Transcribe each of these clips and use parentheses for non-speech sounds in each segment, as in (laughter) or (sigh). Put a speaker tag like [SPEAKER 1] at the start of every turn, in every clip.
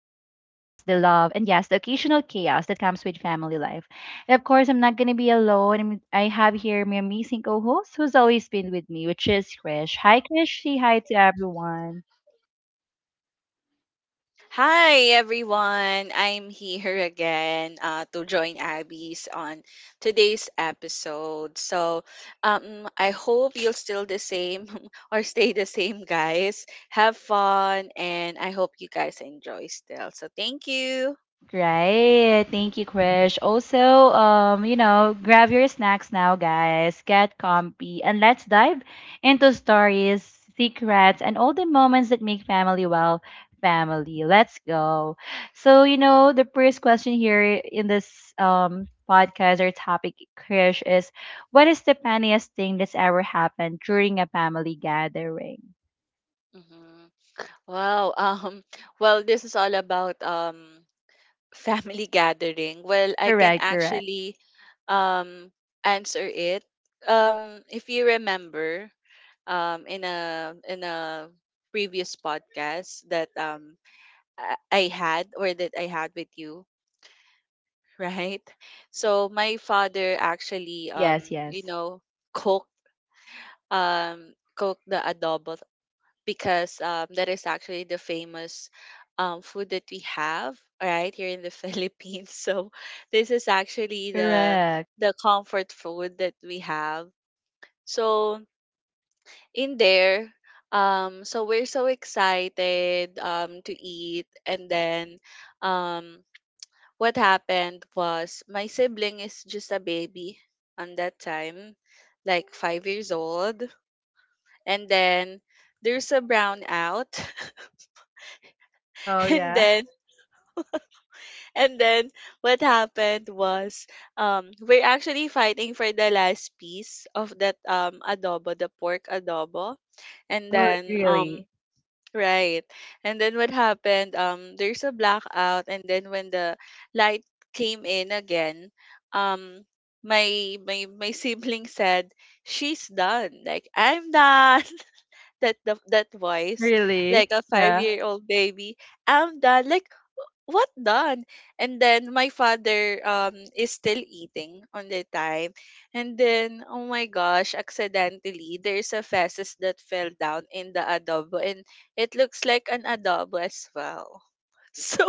[SPEAKER 1] the love, and yes, the occasional chaos that comes with family life. And of course, I'm not going to be alone. I have here my amazing co host who's always been with me, which is Krish. Hi, Krish. Say hi to everyone.
[SPEAKER 2] Hi everyone, I'm here again to join Abby's on today's episode. I hope you'll still the same (laughs) or stay the same, guys. Have fun, and I hope you guys enjoy still. So thank you.
[SPEAKER 1] Right. Thank you, Krish. Also, grab your snacks now, guys. Get comfy and let's dive into stories, secrets, and all the moments that make family, well, family. Let's go. So, the first question here in this podcast or topic, Krish, is what is the funniest thing that's ever happened during a family gathering?
[SPEAKER 2] Mhm. Wow. (laughs) Well, this is all about family (laughs) gathering. Well, I can
[SPEAKER 1] Correct, correct.
[SPEAKER 2] actually um answer it. If you remember. In a previous podcast that um, I had or that I had with you, (laughs) right? So my father actually
[SPEAKER 1] Yes, yes.
[SPEAKER 2] cooked cooked the adobo because that is actually the famous food that we have right here in the (laughs) Philippines. So this is actually the
[SPEAKER 1] Correct.
[SPEAKER 2] the comfort food that we have. So in there. So we're so excited to eat. And then um, what happened was my sibling is just a baby on that time, like 5 years old. And then there's a brownout.
[SPEAKER 1] Oh
[SPEAKER 2] (laughs) and
[SPEAKER 1] yeah.
[SPEAKER 2] then and then what happened was we're actually fighting for the last piece of that adobo, the pork adobo. And
[SPEAKER 1] Oh
[SPEAKER 2] then
[SPEAKER 1] really?
[SPEAKER 2] Right. And then what happened? There's a blackout, and then when the light came in again, um, my sibling said, "She's done. Like I'm done." (laughs) That the, that voice, like
[SPEAKER 1] Really?
[SPEAKER 2] a five
[SPEAKER 1] Yeah.
[SPEAKER 2] year old baby. I'm done. Like what done? And then my father is still eating on the time. And then oh my gosh, accidentally there's a feces that fell down in the adobo and it looks like an adobo as well. (laughs) So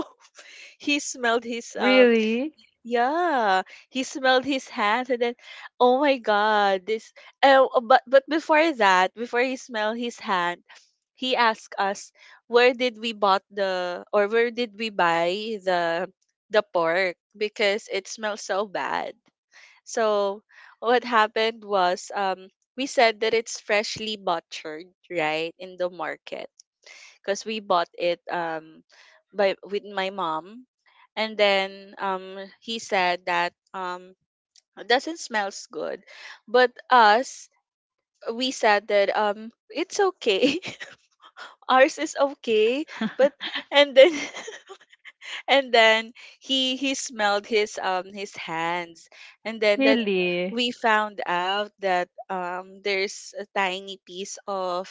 [SPEAKER 2] he smelled his
[SPEAKER 1] Really?
[SPEAKER 2] yeah, he smelled his hands and then oh my god, this oh but before that, before he smelled his hand, he asked us where did we bought the or where did we buy the the pork because it smells so bad. So what happened was we said that it's freshly butchered right in the market because we bought it by with my mom and then he said that it doesn't smells good but us we said that it's okay (laughs) ours is okay but
[SPEAKER 1] (laughs)
[SPEAKER 2] and then (laughs) and then he smelled his hands and then that
[SPEAKER 1] Really?
[SPEAKER 2] we found out that there's a tiny piece of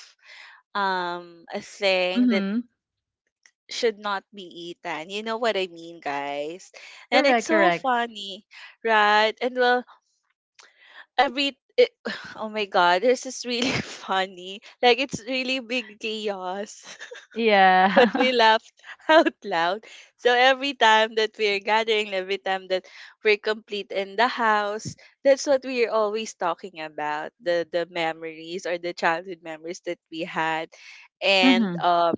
[SPEAKER 2] a thing that
[SPEAKER 1] Mhm.
[SPEAKER 2] should not be eaten, you know what I mean, guys? And it's
[SPEAKER 1] Correct,
[SPEAKER 2] so
[SPEAKER 1] correct.
[SPEAKER 2] funny, right? And well, every it, (sighs) oh my god, this is really (laughs) funny, like it's really big chaos, but
[SPEAKER 1] Yeah.
[SPEAKER 2] we laughed (laughs) out loud. So every time that we're gathering, every time that we're complete in the house, that's what we're always talking about, the memories or the childhood memories that we had,
[SPEAKER 1] (laughs)
[SPEAKER 2] and
[SPEAKER 1] mhm.
[SPEAKER 2] um,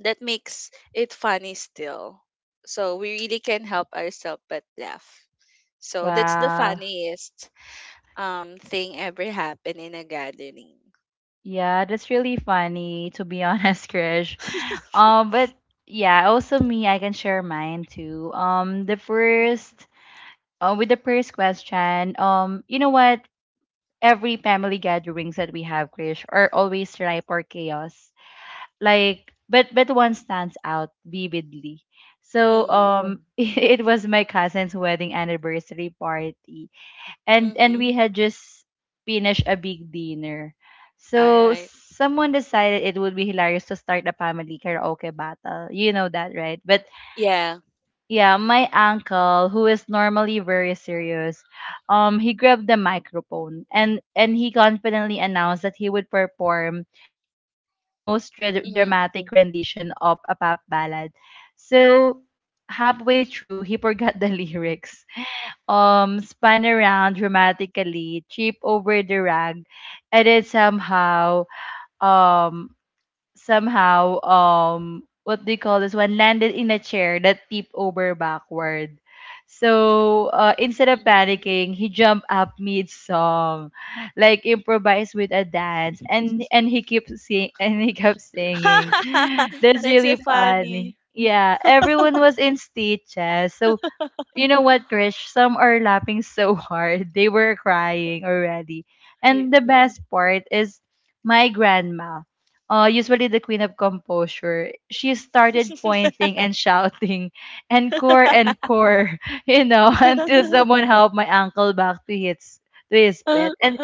[SPEAKER 2] that makes it funny still. So we really can't help ourselves but laugh. So that's the
[SPEAKER 1] Wow.
[SPEAKER 2] funniest thing ever happened in a gathering.
[SPEAKER 1] Yeah, that's really funny to be (laughs) honest, Krish. But yeah, also me, I can share mine too. The
[SPEAKER 2] Mm-hmm.
[SPEAKER 1] first, with the first question, you know what? Every family gatherings that we have, Krish, are always ripe for chaos. Like, but one stands out vividly. So
[SPEAKER 2] Mm-hmm.
[SPEAKER 1] (laughs) it was my cousin's wedding anniversary party, and
[SPEAKER 2] Mm-hmm.
[SPEAKER 1] we had just finished a big dinner.
[SPEAKER 2] All
[SPEAKER 1] So
[SPEAKER 2] right.
[SPEAKER 1] someone decided it would be hilarious to start a family karaoke battle, that right? But
[SPEAKER 2] Yeah.
[SPEAKER 1] yeah, my uncle, who is normally very serious, he grabbed the microphone and he confidently announced that he would perform the most
[SPEAKER 2] Mm-hmm.
[SPEAKER 1] dramatic rendition of a pop ballad. So halfway through, he forgot the (laughs) lyrics. Spun around dramatically, trip over the rag, and then somehow um what do they call this one, landed in a chair that tipped over backward. So instead of
[SPEAKER 2] Mm-hmm.
[SPEAKER 1] panicking, he jumped up mid song, like improvised with a dance, and he kept sing (laughs) and he kept singing.
[SPEAKER 2] (laughs)
[SPEAKER 1] That's
[SPEAKER 2] That's
[SPEAKER 1] really
[SPEAKER 2] a
[SPEAKER 1] funny.
[SPEAKER 2] funny
[SPEAKER 1] Yeah, everyone was in stitches. So you know what, Krish? Some are laughing (laughs) so hard. They were crying already. And the
[SPEAKER 2] real.
[SPEAKER 1] best part is my grandma, usually the queen of composure, she started pointing and (laughs) shouting, encore,
[SPEAKER 2] (laughs)
[SPEAKER 1] encore, (laughs) you know, until someone helped my uncle back to his bed. And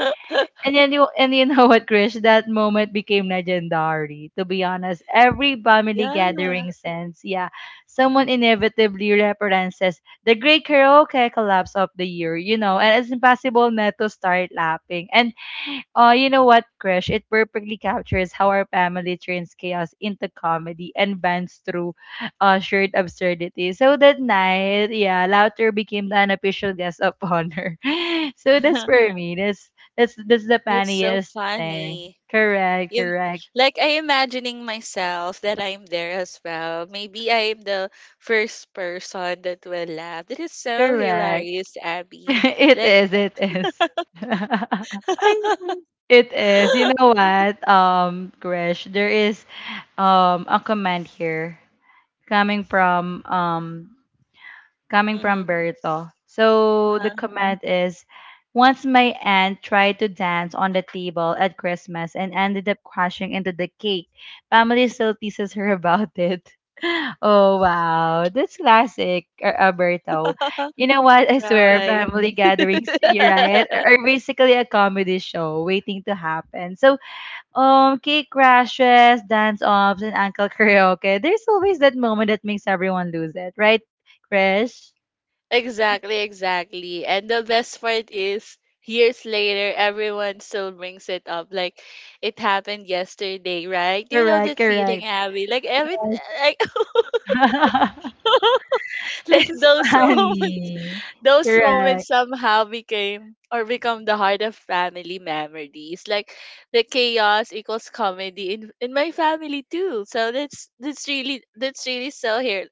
[SPEAKER 1] and then you and you know what, Krish? That moment became legendary. To be honest, every family
[SPEAKER 2] Yeah.
[SPEAKER 1] gathering sense, yeah, someone inevitably references the great karaoke collapse of the year, you know, and it's impossible not to start laughing. And you know what, Krish? It perfectly captures how our family turns chaos into comedy and bends through shared absurdity. So that night, yeah, laughter became the unofficial guest of honor. (laughs) So that's
[SPEAKER 2] (laughs)
[SPEAKER 1] for me. That's that's the
[SPEAKER 2] That's so
[SPEAKER 1] funniest thing.
[SPEAKER 2] funny.
[SPEAKER 1] Correct,
[SPEAKER 2] You
[SPEAKER 1] correct,
[SPEAKER 2] like I imagining myself that I'm there as well. Maybe I am the first person that will laugh. That is so
[SPEAKER 1] correct.
[SPEAKER 2] hilarious,
[SPEAKER 1] (laughs)
[SPEAKER 2] Abby.
[SPEAKER 1] It
[SPEAKER 2] Like
[SPEAKER 1] is, it is. (laughs)
[SPEAKER 2] (laughs)
[SPEAKER 1] It is. You know what, Krish, there is a comment here coming from um coming
[SPEAKER 2] hmm
[SPEAKER 1] from Berto. So the comment is, once my aunt tried to dance on the table at Christmas and ended up crashing into the cake. Family still teases her about it. (laughs) Oh wow, that's classic, Alberto.
[SPEAKER 2] (laughs)
[SPEAKER 1] You know what? I swear,
[SPEAKER 2] Right.
[SPEAKER 1] family gatherings, you're right,
[SPEAKER 2] (laughs)
[SPEAKER 1] are basically a comedy show waiting to happen. So, cake crashes, dance offs, and uncle (laughs) karaoke. There's always that moment that makes everyone lose it, right, Krish?
[SPEAKER 2] Exactly, exactly. And the best part is years later everyone still brings it up like it happened yesterday, right? You know
[SPEAKER 1] Correct,
[SPEAKER 2] that feeling,
[SPEAKER 1] correct.
[SPEAKER 2] Abby. Like every
[SPEAKER 1] Yes.
[SPEAKER 2] like
[SPEAKER 1] (laughs)
[SPEAKER 2] (laughs) like
[SPEAKER 1] It's
[SPEAKER 2] those moments
[SPEAKER 1] funny.
[SPEAKER 2] (laughs) those moments
[SPEAKER 1] Correct.
[SPEAKER 2] somehow became or become the heart of family memories. Like the chaos equals comedy in my family too. So that's really that's really so here (laughs)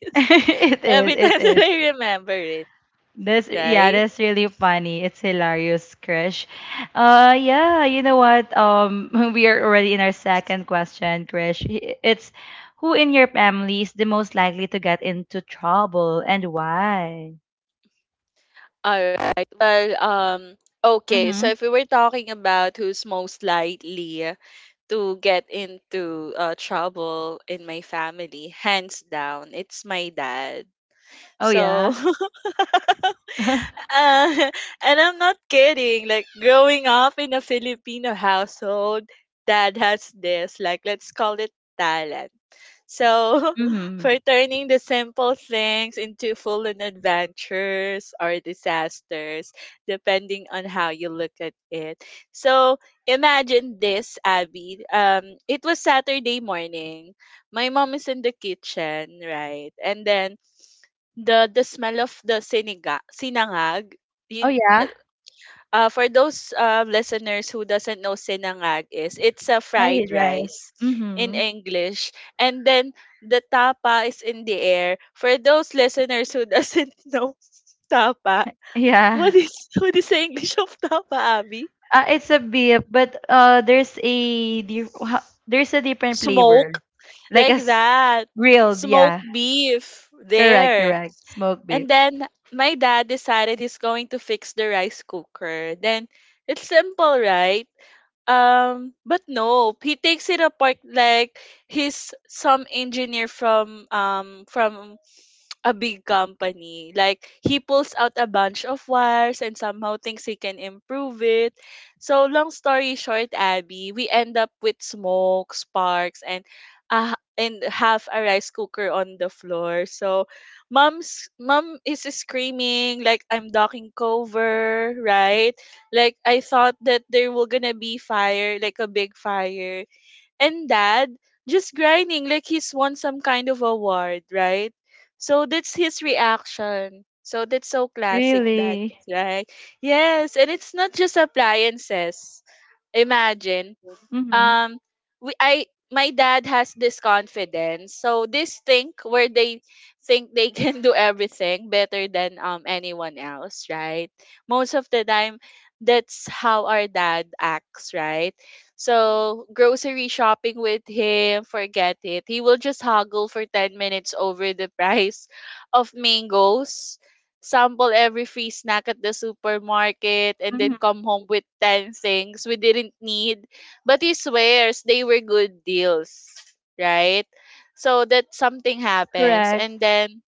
[SPEAKER 1] (laughs) It is,
[SPEAKER 2] every
[SPEAKER 1] it
[SPEAKER 2] time (laughs) that
[SPEAKER 1] is.
[SPEAKER 2] I remember it,
[SPEAKER 1] That's, yeah,
[SPEAKER 2] right.
[SPEAKER 1] that's really funny. It's hilarious, Krish. Yeah, you know what? (laughs) We are already in our second question, Krish. It's who in your family is the most likely to get into trouble and why?
[SPEAKER 2] All right. Well, okay. so
[SPEAKER 1] Mm-hmm.
[SPEAKER 2] if we were talking about who's most likely to get into trouble in my family, hands down, it's my dad.
[SPEAKER 1] Oh
[SPEAKER 2] So,
[SPEAKER 1] yeah.
[SPEAKER 2] (laughs)
[SPEAKER 1] (laughs)
[SPEAKER 2] uh, (laughs) and I'm not kidding. Like growing up in a Filipino household, dad has this. Like let's call it talent. So, (laughs)
[SPEAKER 1] mm-hmm.
[SPEAKER 2] for turning the simple things into full on adventures or disasters, depending on how you look at it. So, imagine this, Abby. It was Saturday morning. My mom is in the kitchen, right? And then the smell of the siniga, sinangag,
[SPEAKER 1] Oh
[SPEAKER 2] yun,
[SPEAKER 1] yeah.
[SPEAKER 2] for those listeners who doesn't know sinangag is, it's a fried
[SPEAKER 1] Fried
[SPEAKER 2] rice
[SPEAKER 1] rice.
[SPEAKER 2] in
[SPEAKER 1] Mm-hmm.
[SPEAKER 2] English. And then the tapa is in the air. For those listeners who doesn't (laughs) know tapa, what
[SPEAKER 1] Yeah.
[SPEAKER 2] is what is the English of tapa, Abby?
[SPEAKER 1] It's a beef, but there's a different
[SPEAKER 2] Smoke,
[SPEAKER 1] flavor, like
[SPEAKER 2] like
[SPEAKER 1] as
[SPEAKER 2] that.
[SPEAKER 1] grilled.
[SPEAKER 2] Smoked
[SPEAKER 1] Yeah,
[SPEAKER 2] beef
[SPEAKER 1] correct,
[SPEAKER 2] there.
[SPEAKER 1] correct. Smoked
[SPEAKER 2] And
[SPEAKER 1] beef.
[SPEAKER 2] then my dad decided he's going to fix the rice cooker. Then it's simple, right? But no, he takes it apart like he's some engineer from a big company. Like he pulls out a bunch of wires and somehow thinks he can improve it. So long story short, Abby, we end up with smoke, sparks, and half a rice cooker on the floor. So mom is screaming like I'm ducking cover, right? Like I thought that there were gonna be fire, like a big fire and dad just grinding like he's won some kind of award, right? So that's his reaction. So that's so classic, dad,
[SPEAKER 1] Really?
[SPEAKER 2] right? Yes, and it's not just appliances. Imagine
[SPEAKER 1] Mm-hmm.
[SPEAKER 2] um we I my dad has this confidence. So this thing where they think they (laughs) can do everything better than anyone else, right? Most of the time that's how our dad acts, right? So grocery shopping with him, forget it. He will just haggle for 10 minutes over the (laughs) price of mangoes, sample every free snack at the supermarket, and then
[SPEAKER 1] Mm-hmm.
[SPEAKER 2] come home with 10 things we didn't need but he swears they were good deals, right? So that something happens
[SPEAKER 1] Correct.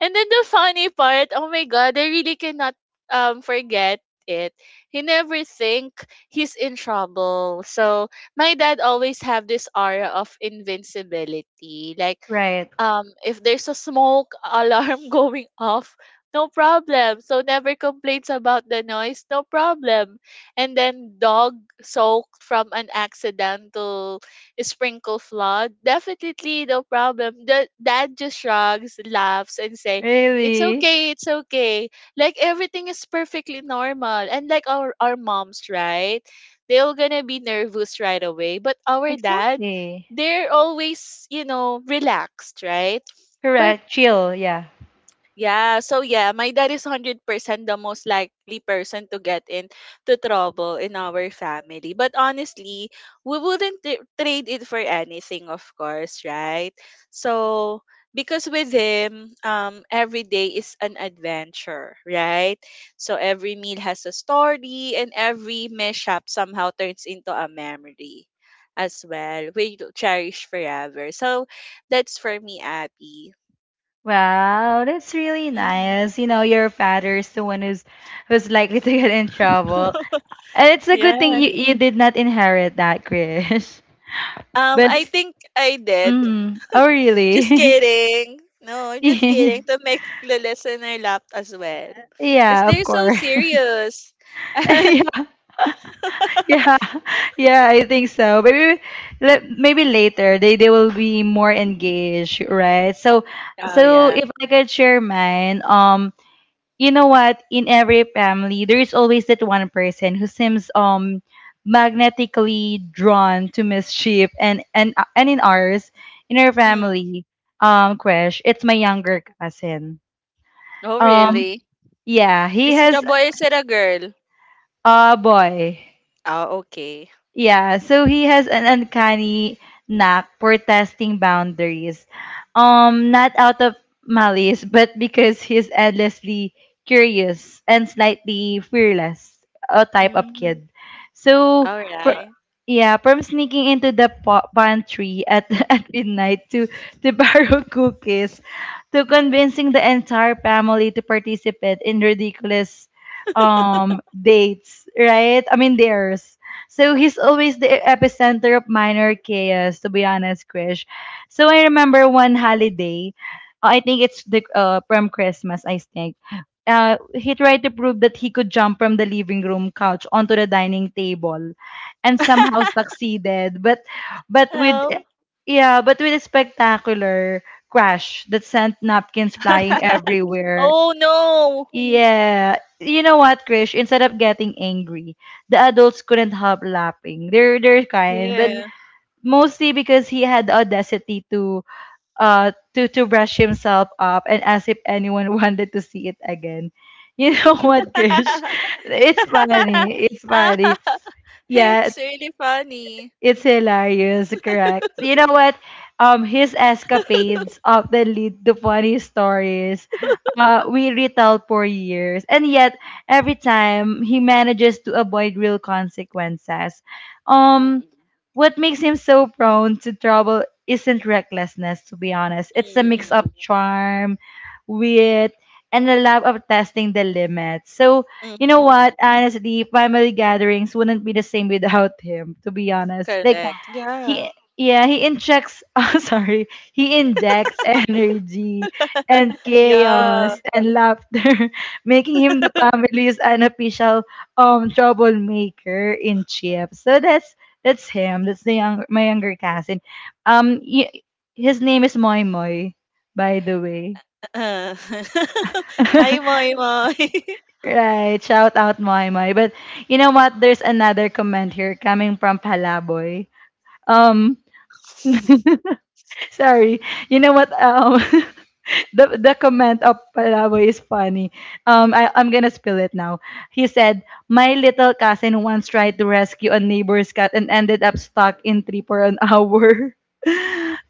[SPEAKER 2] and then the funny part, oh my god, I really cannot forget it. He never think he's in trouble. So my dad always have this aura of invincibility. Like
[SPEAKER 1] Right.
[SPEAKER 2] if there's a smoke (laughs) alarm going off, no problem. So never complains about the noise, no problem. And then dog soaked from an accidental sprinkle flood, definitely no problem. The dad just shrugs, laughs, and say, it's
[SPEAKER 1] Really?
[SPEAKER 2] okay, it's okay, like everything is perfectly normal. And like our moms, right, they're gonna be nervous right away, but our dad,
[SPEAKER 1] Exactly.
[SPEAKER 2] they're always, you know, relaxed, right? But
[SPEAKER 1] Correct. Chill. Yeah.
[SPEAKER 2] yeah, so yeah, my dad is 100% the most likely person to get into trouble in our family. But honestly, we wouldn't trade it for anything, of course, right? So, because with him, every day is an adventure, right? So every meal has a story, and every mishap somehow turns into a memory as well, we cherish forever. So that's for me, Abby.
[SPEAKER 1] Wow, that's really
[SPEAKER 2] Hmm
[SPEAKER 1] nice. You know, your father is the one who's likely to (laughs) get in
[SPEAKER 2] (laughs)
[SPEAKER 1] trouble, and it's a good thing
[SPEAKER 2] Yeah.
[SPEAKER 1] you did not inherit that, Krish. (laughs) But
[SPEAKER 2] I think I did.
[SPEAKER 1] mm, oh
[SPEAKER 2] Just
[SPEAKER 1] really? (laughs)
[SPEAKER 2] kidding. No, I'm just kidding to
[SPEAKER 1] (laughs)
[SPEAKER 2] make the listener laugh as well. Because
[SPEAKER 1] Yeah,
[SPEAKER 2] they're
[SPEAKER 1] of
[SPEAKER 2] so
[SPEAKER 1] course.
[SPEAKER 2] serious. (laughs) oh,
[SPEAKER 1] (laughs) Yeah, yeah, yeah, I think so. Maybe, maybe later they will be more engaged, right? So, so
[SPEAKER 2] yeah.
[SPEAKER 1] if I could share mine, you know what? In every family, there is always that one person who seems magnetically drawn to mischief, and in ours, in our
[SPEAKER 2] Mm.
[SPEAKER 1] family, crush, it's my younger cousin.
[SPEAKER 2] Oh,
[SPEAKER 1] Um,
[SPEAKER 2] really?
[SPEAKER 1] yeah, he
[SPEAKER 2] Is it a
[SPEAKER 1] has
[SPEAKER 2] boy? Is it a girl?
[SPEAKER 1] a boy.
[SPEAKER 2] Oh, okay.
[SPEAKER 1] Yeah, so he has an uncanny knack for testing boundaries. Not out of malice, but because he's endlessly curious and slightly fearless, a type of
[SPEAKER 2] Mm.
[SPEAKER 1] kid. So,
[SPEAKER 2] All
[SPEAKER 1] for,
[SPEAKER 2] right.
[SPEAKER 1] yeah, yeah, from sneaking into the pantry at, (laughs) at midnight to (laughs) borrow cookies, to convincing the entire family to participate in ridiculous dates, right? I mean, dares. So he's always the epicenter of minor chaos, to be honest, Krish. So I remember one holiday, I think it's the from Christmas, I think. He tried to prove that he could jump from the living room couch onto the dining table and somehow
[SPEAKER 2] (laughs)
[SPEAKER 1] succeeded, but with
[SPEAKER 2] oh.
[SPEAKER 1] yeah, but with a spectacular crash that sent napkins flying
[SPEAKER 2] (laughs)
[SPEAKER 1] everywhere.
[SPEAKER 2] oh, no.
[SPEAKER 1] Yeah. You know what, Krish? Instead of getting angry, the adults couldn't help laughing. They're kind, but Mm.
[SPEAKER 2] Yeah.
[SPEAKER 1] mostly because he had the audacity to to brush himself up and as if anyone (laughs) wanted to see it again. You (laughs) know what, Krish?
[SPEAKER 2] (laughs)
[SPEAKER 1] It's funny. It's
[SPEAKER 2] Ah,
[SPEAKER 1] funny.
[SPEAKER 2] (laughs)
[SPEAKER 1] Yeah,
[SPEAKER 2] it's really funny.
[SPEAKER 1] it's hilarious, correct. You know what? His escapades often lead to funny stories, we retell for years. And yet, every time, he manages to avoid real consequences. Um,
[SPEAKER 2] Mm-mm.
[SPEAKER 1] what makes him so prone to trouble isn't recklessness, to be honest. It's a mix
[SPEAKER 2] Mm-mm.
[SPEAKER 1] of charm, wit, and a love of testing the limits. So, you know
[SPEAKER 2] Mm-mm.
[SPEAKER 1] what? Honestly, family gatherings wouldn't be the same without him, to be honest. Like Yeah.
[SPEAKER 2] Correct. Yeah.
[SPEAKER 1] he yeah, he injects (laughs) oh sorry. He injects (laughs) energy
[SPEAKER 2] (laughs)
[SPEAKER 1] and
[SPEAKER 2] Yeah.
[SPEAKER 1] chaos and laughter, (laughs) making him the family's unofficial troublemaker in Chips. So that's him. That's the young my younger cousin. Y his name is Moy Moy, by the way.
[SPEAKER 2] Uh, (laughs) Hi,
[SPEAKER 1] (laughs)
[SPEAKER 2] Moy Moy. (laughs)
[SPEAKER 1] Right. Shout out Moy Moy. But you know what? There's another comment here coming from Palaboy. Um (laughs) sorry. You know what? (laughs) The comment of Palaboy is funny. I, I'm gonna spill it now. He said, "My little cousin once tried to rescue a neighbor's cat and ended up stuck in tree for an hour." (laughs)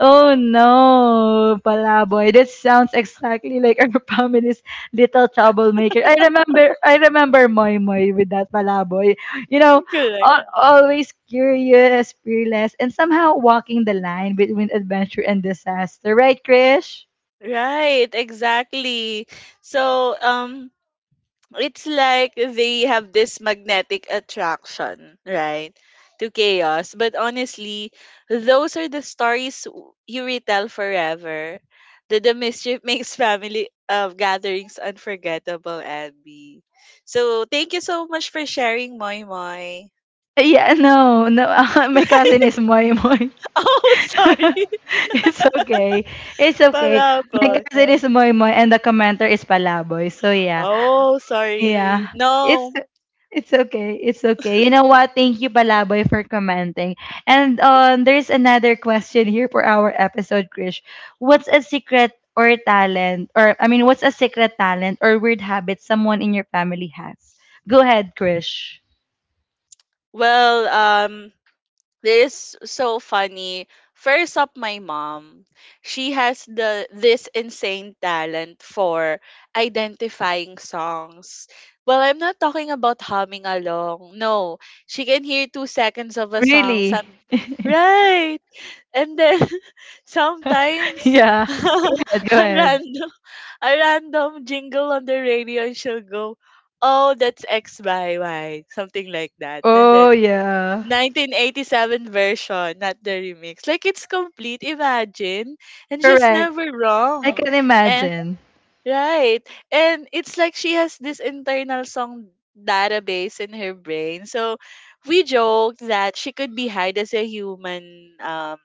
[SPEAKER 1] Oh no, Palaboy! That sounds exactly like our (laughs) family's little troublemaker. I remember Moy Moy with that Palaboy. You know,
[SPEAKER 2] Correct.
[SPEAKER 1] always curious, fearless, and somehow walking the line between adventure and disaster. Right, Krish?
[SPEAKER 2] Right, exactly. So, it's like they have this magnetic attraction, right, to chaos. But honestly, those are the stories you retell forever. The mischief (laughs) makes family gatherings unforgettable, Abby. So, thank you so much for sharing, Moy Moy.
[SPEAKER 1] Yeah, no, no. (laughs) My cousin
[SPEAKER 2] (laughs)
[SPEAKER 1] is Moy Moy.
[SPEAKER 2] (laughs) Oh, sorry.
[SPEAKER 1] (laughs)
[SPEAKER 2] (laughs)
[SPEAKER 1] It's okay. It's okay. My
[SPEAKER 2] Palabot.
[SPEAKER 1] cousin is Moy Moy and the commenter is Palaboy. So yeah.
[SPEAKER 2] Oh, sorry.
[SPEAKER 1] Yeah. It's
[SPEAKER 2] No.
[SPEAKER 1] it's okay. It's okay. You know what? Thank you Palaboy for commenting. And there's another question here for our episode, Krish. What's a secret or talent or I mean, what's a secret talent or weird habit someone in your family has? Go ahead, Krish.
[SPEAKER 2] Well, this is so funny. First up, my mom. She has the this insane talent for identifying songs. Well, I'm not talking about humming along. No, she can hear 2 seconds of a song.
[SPEAKER 1] Really?
[SPEAKER 2] Some right, and then (laughs)
[SPEAKER 1] (laughs)
[SPEAKER 2] sometimes
[SPEAKER 1] Yeah.
[SPEAKER 2] (laughs)
[SPEAKER 1] Go ahead.
[SPEAKER 2] random. A random jingle on the radio and she'll go, Oh, that's X by Y, something like that. And then
[SPEAKER 1] Oh yeah.
[SPEAKER 2] 1987 version, not the remix. Like it's complete, imagine. And she's
[SPEAKER 1] Correct.
[SPEAKER 2] never
[SPEAKER 1] I
[SPEAKER 2] wrong.
[SPEAKER 1] can
[SPEAKER 2] And
[SPEAKER 1] imagine.
[SPEAKER 2] right. And it's like she has this internal song database in her brain. So we joked that she could be hide as a human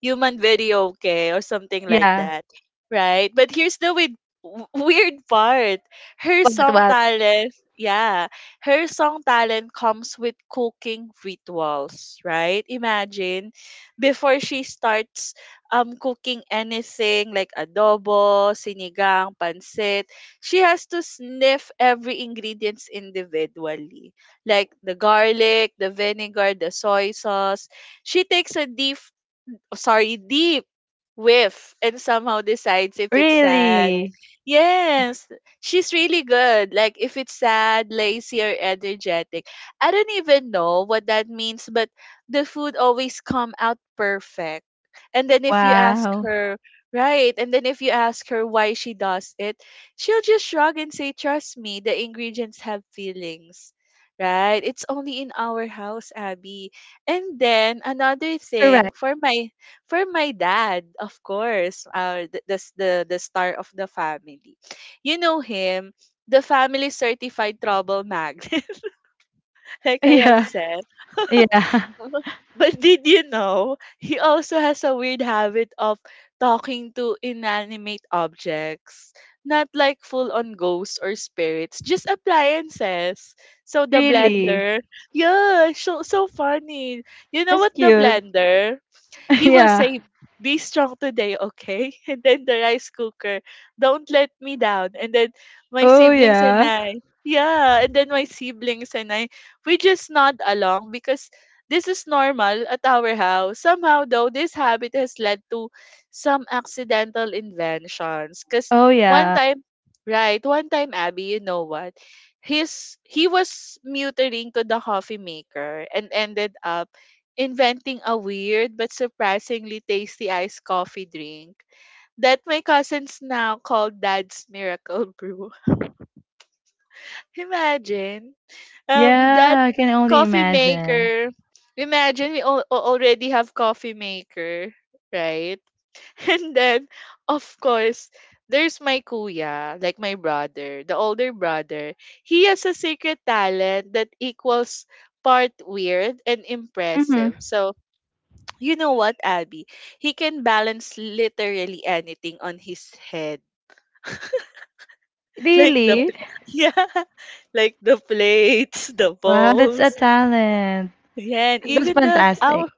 [SPEAKER 2] human video okay or something like
[SPEAKER 1] Yeah.
[SPEAKER 2] that, right? But here's the weird part, her
[SPEAKER 1] What
[SPEAKER 2] song
[SPEAKER 1] what?
[SPEAKER 2] talent, yeah, her song talent comes with cooking rituals, right? Imagine before she starts cooking anything like adobo, sinigang, pancit, she has to sniff every ingredients individually, like the garlic, the vinegar, the soy sauce. She takes a deep deep whiff and somehow decides if it's sad.
[SPEAKER 1] Really?
[SPEAKER 2] Yes, she's really good. Like if it's sad, lazy, or energetic. I don't even know what that means, but the food always come out perfect. And then if you ask
[SPEAKER 1] Wow.
[SPEAKER 2] her, right? And then if you ask her why she does it, she'll just shrug and say, "Trust me, the ingredients have feelings." Right? It's only in our house, Abby. And then another thing
[SPEAKER 1] Correct.
[SPEAKER 2] for my dad, of course, the star of the family. You know him, the family certified trouble magnet, (laughs) like
[SPEAKER 1] (laughs)
[SPEAKER 2] I have
[SPEAKER 1] Yeah.
[SPEAKER 2] said.
[SPEAKER 1] Yeah. (laughs)
[SPEAKER 2] (laughs) But did you know he also has a weird habit of talking to inanimate objects, not like full on ghosts or spirits, just appliances. So the
[SPEAKER 1] Really.
[SPEAKER 2] blender, yeah, so funny. You know
[SPEAKER 1] That's
[SPEAKER 2] what the
[SPEAKER 1] cute.
[SPEAKER 2] blender?
[SPEAKER 1] (laughs)
[SPEAKER 2] He will
[SPEAKER 1] yeah.
[SPEAKER 2] say, "Be strong today, okay?" (laughs) And then the rice cooker, "Don't let me down." And then my
[SPEAKER 1] Oh
[SPEAKER 2] siblings and
[SPEAKER 1] yeah.
[SPEAKER 2] I, yeah, and then my siblings and I, we just nod along because this is normal at our house. Somehow, though, this habit has led to some accidental inventions. Because
[SPEAKER 1] Oh
[SPEAKER 2] one
[SPEAKER 1] yeah.
[SPEAKER 2] time, right, one time, Abby, you know what? He was muttering to the coffee maker and ended up inventing a weird but surprisingly tasty iced coffee drink that my cousins now call Dad's Miracle Brew. (laughs) Imagine, that
[SPEAKER 1] Yeah, I can only
[SPEAKER 2] coffee
[SPEAKER 1] imagine.
[SPEAKER 2] maker. Imagine we already have coffee maker, right? (laughs) And then, of course, there's my kuya, like my brother, the older brother. He has a secret talent that equals part weird and
[SPEAKER 1] Mm-hmm.
[SPEAKER 2] impressive. So you know what, Abby? He can balance literally anything on his head. (laughs) Like the
[SPEAKER 1] Really?
[SPEAKER 2] (laughs) yeah, like the plates, the
[SPEAKER 1] Wow, that's a
[SPEAKER 2] balls.
[SPEAKER 1] talent.
[SPEAKER 2] Yeah, and
[SPEAKER 1] That's
[SPEAKER 2] even the
[SPEAKER 1] fantastic.
[SPEAKER 2] our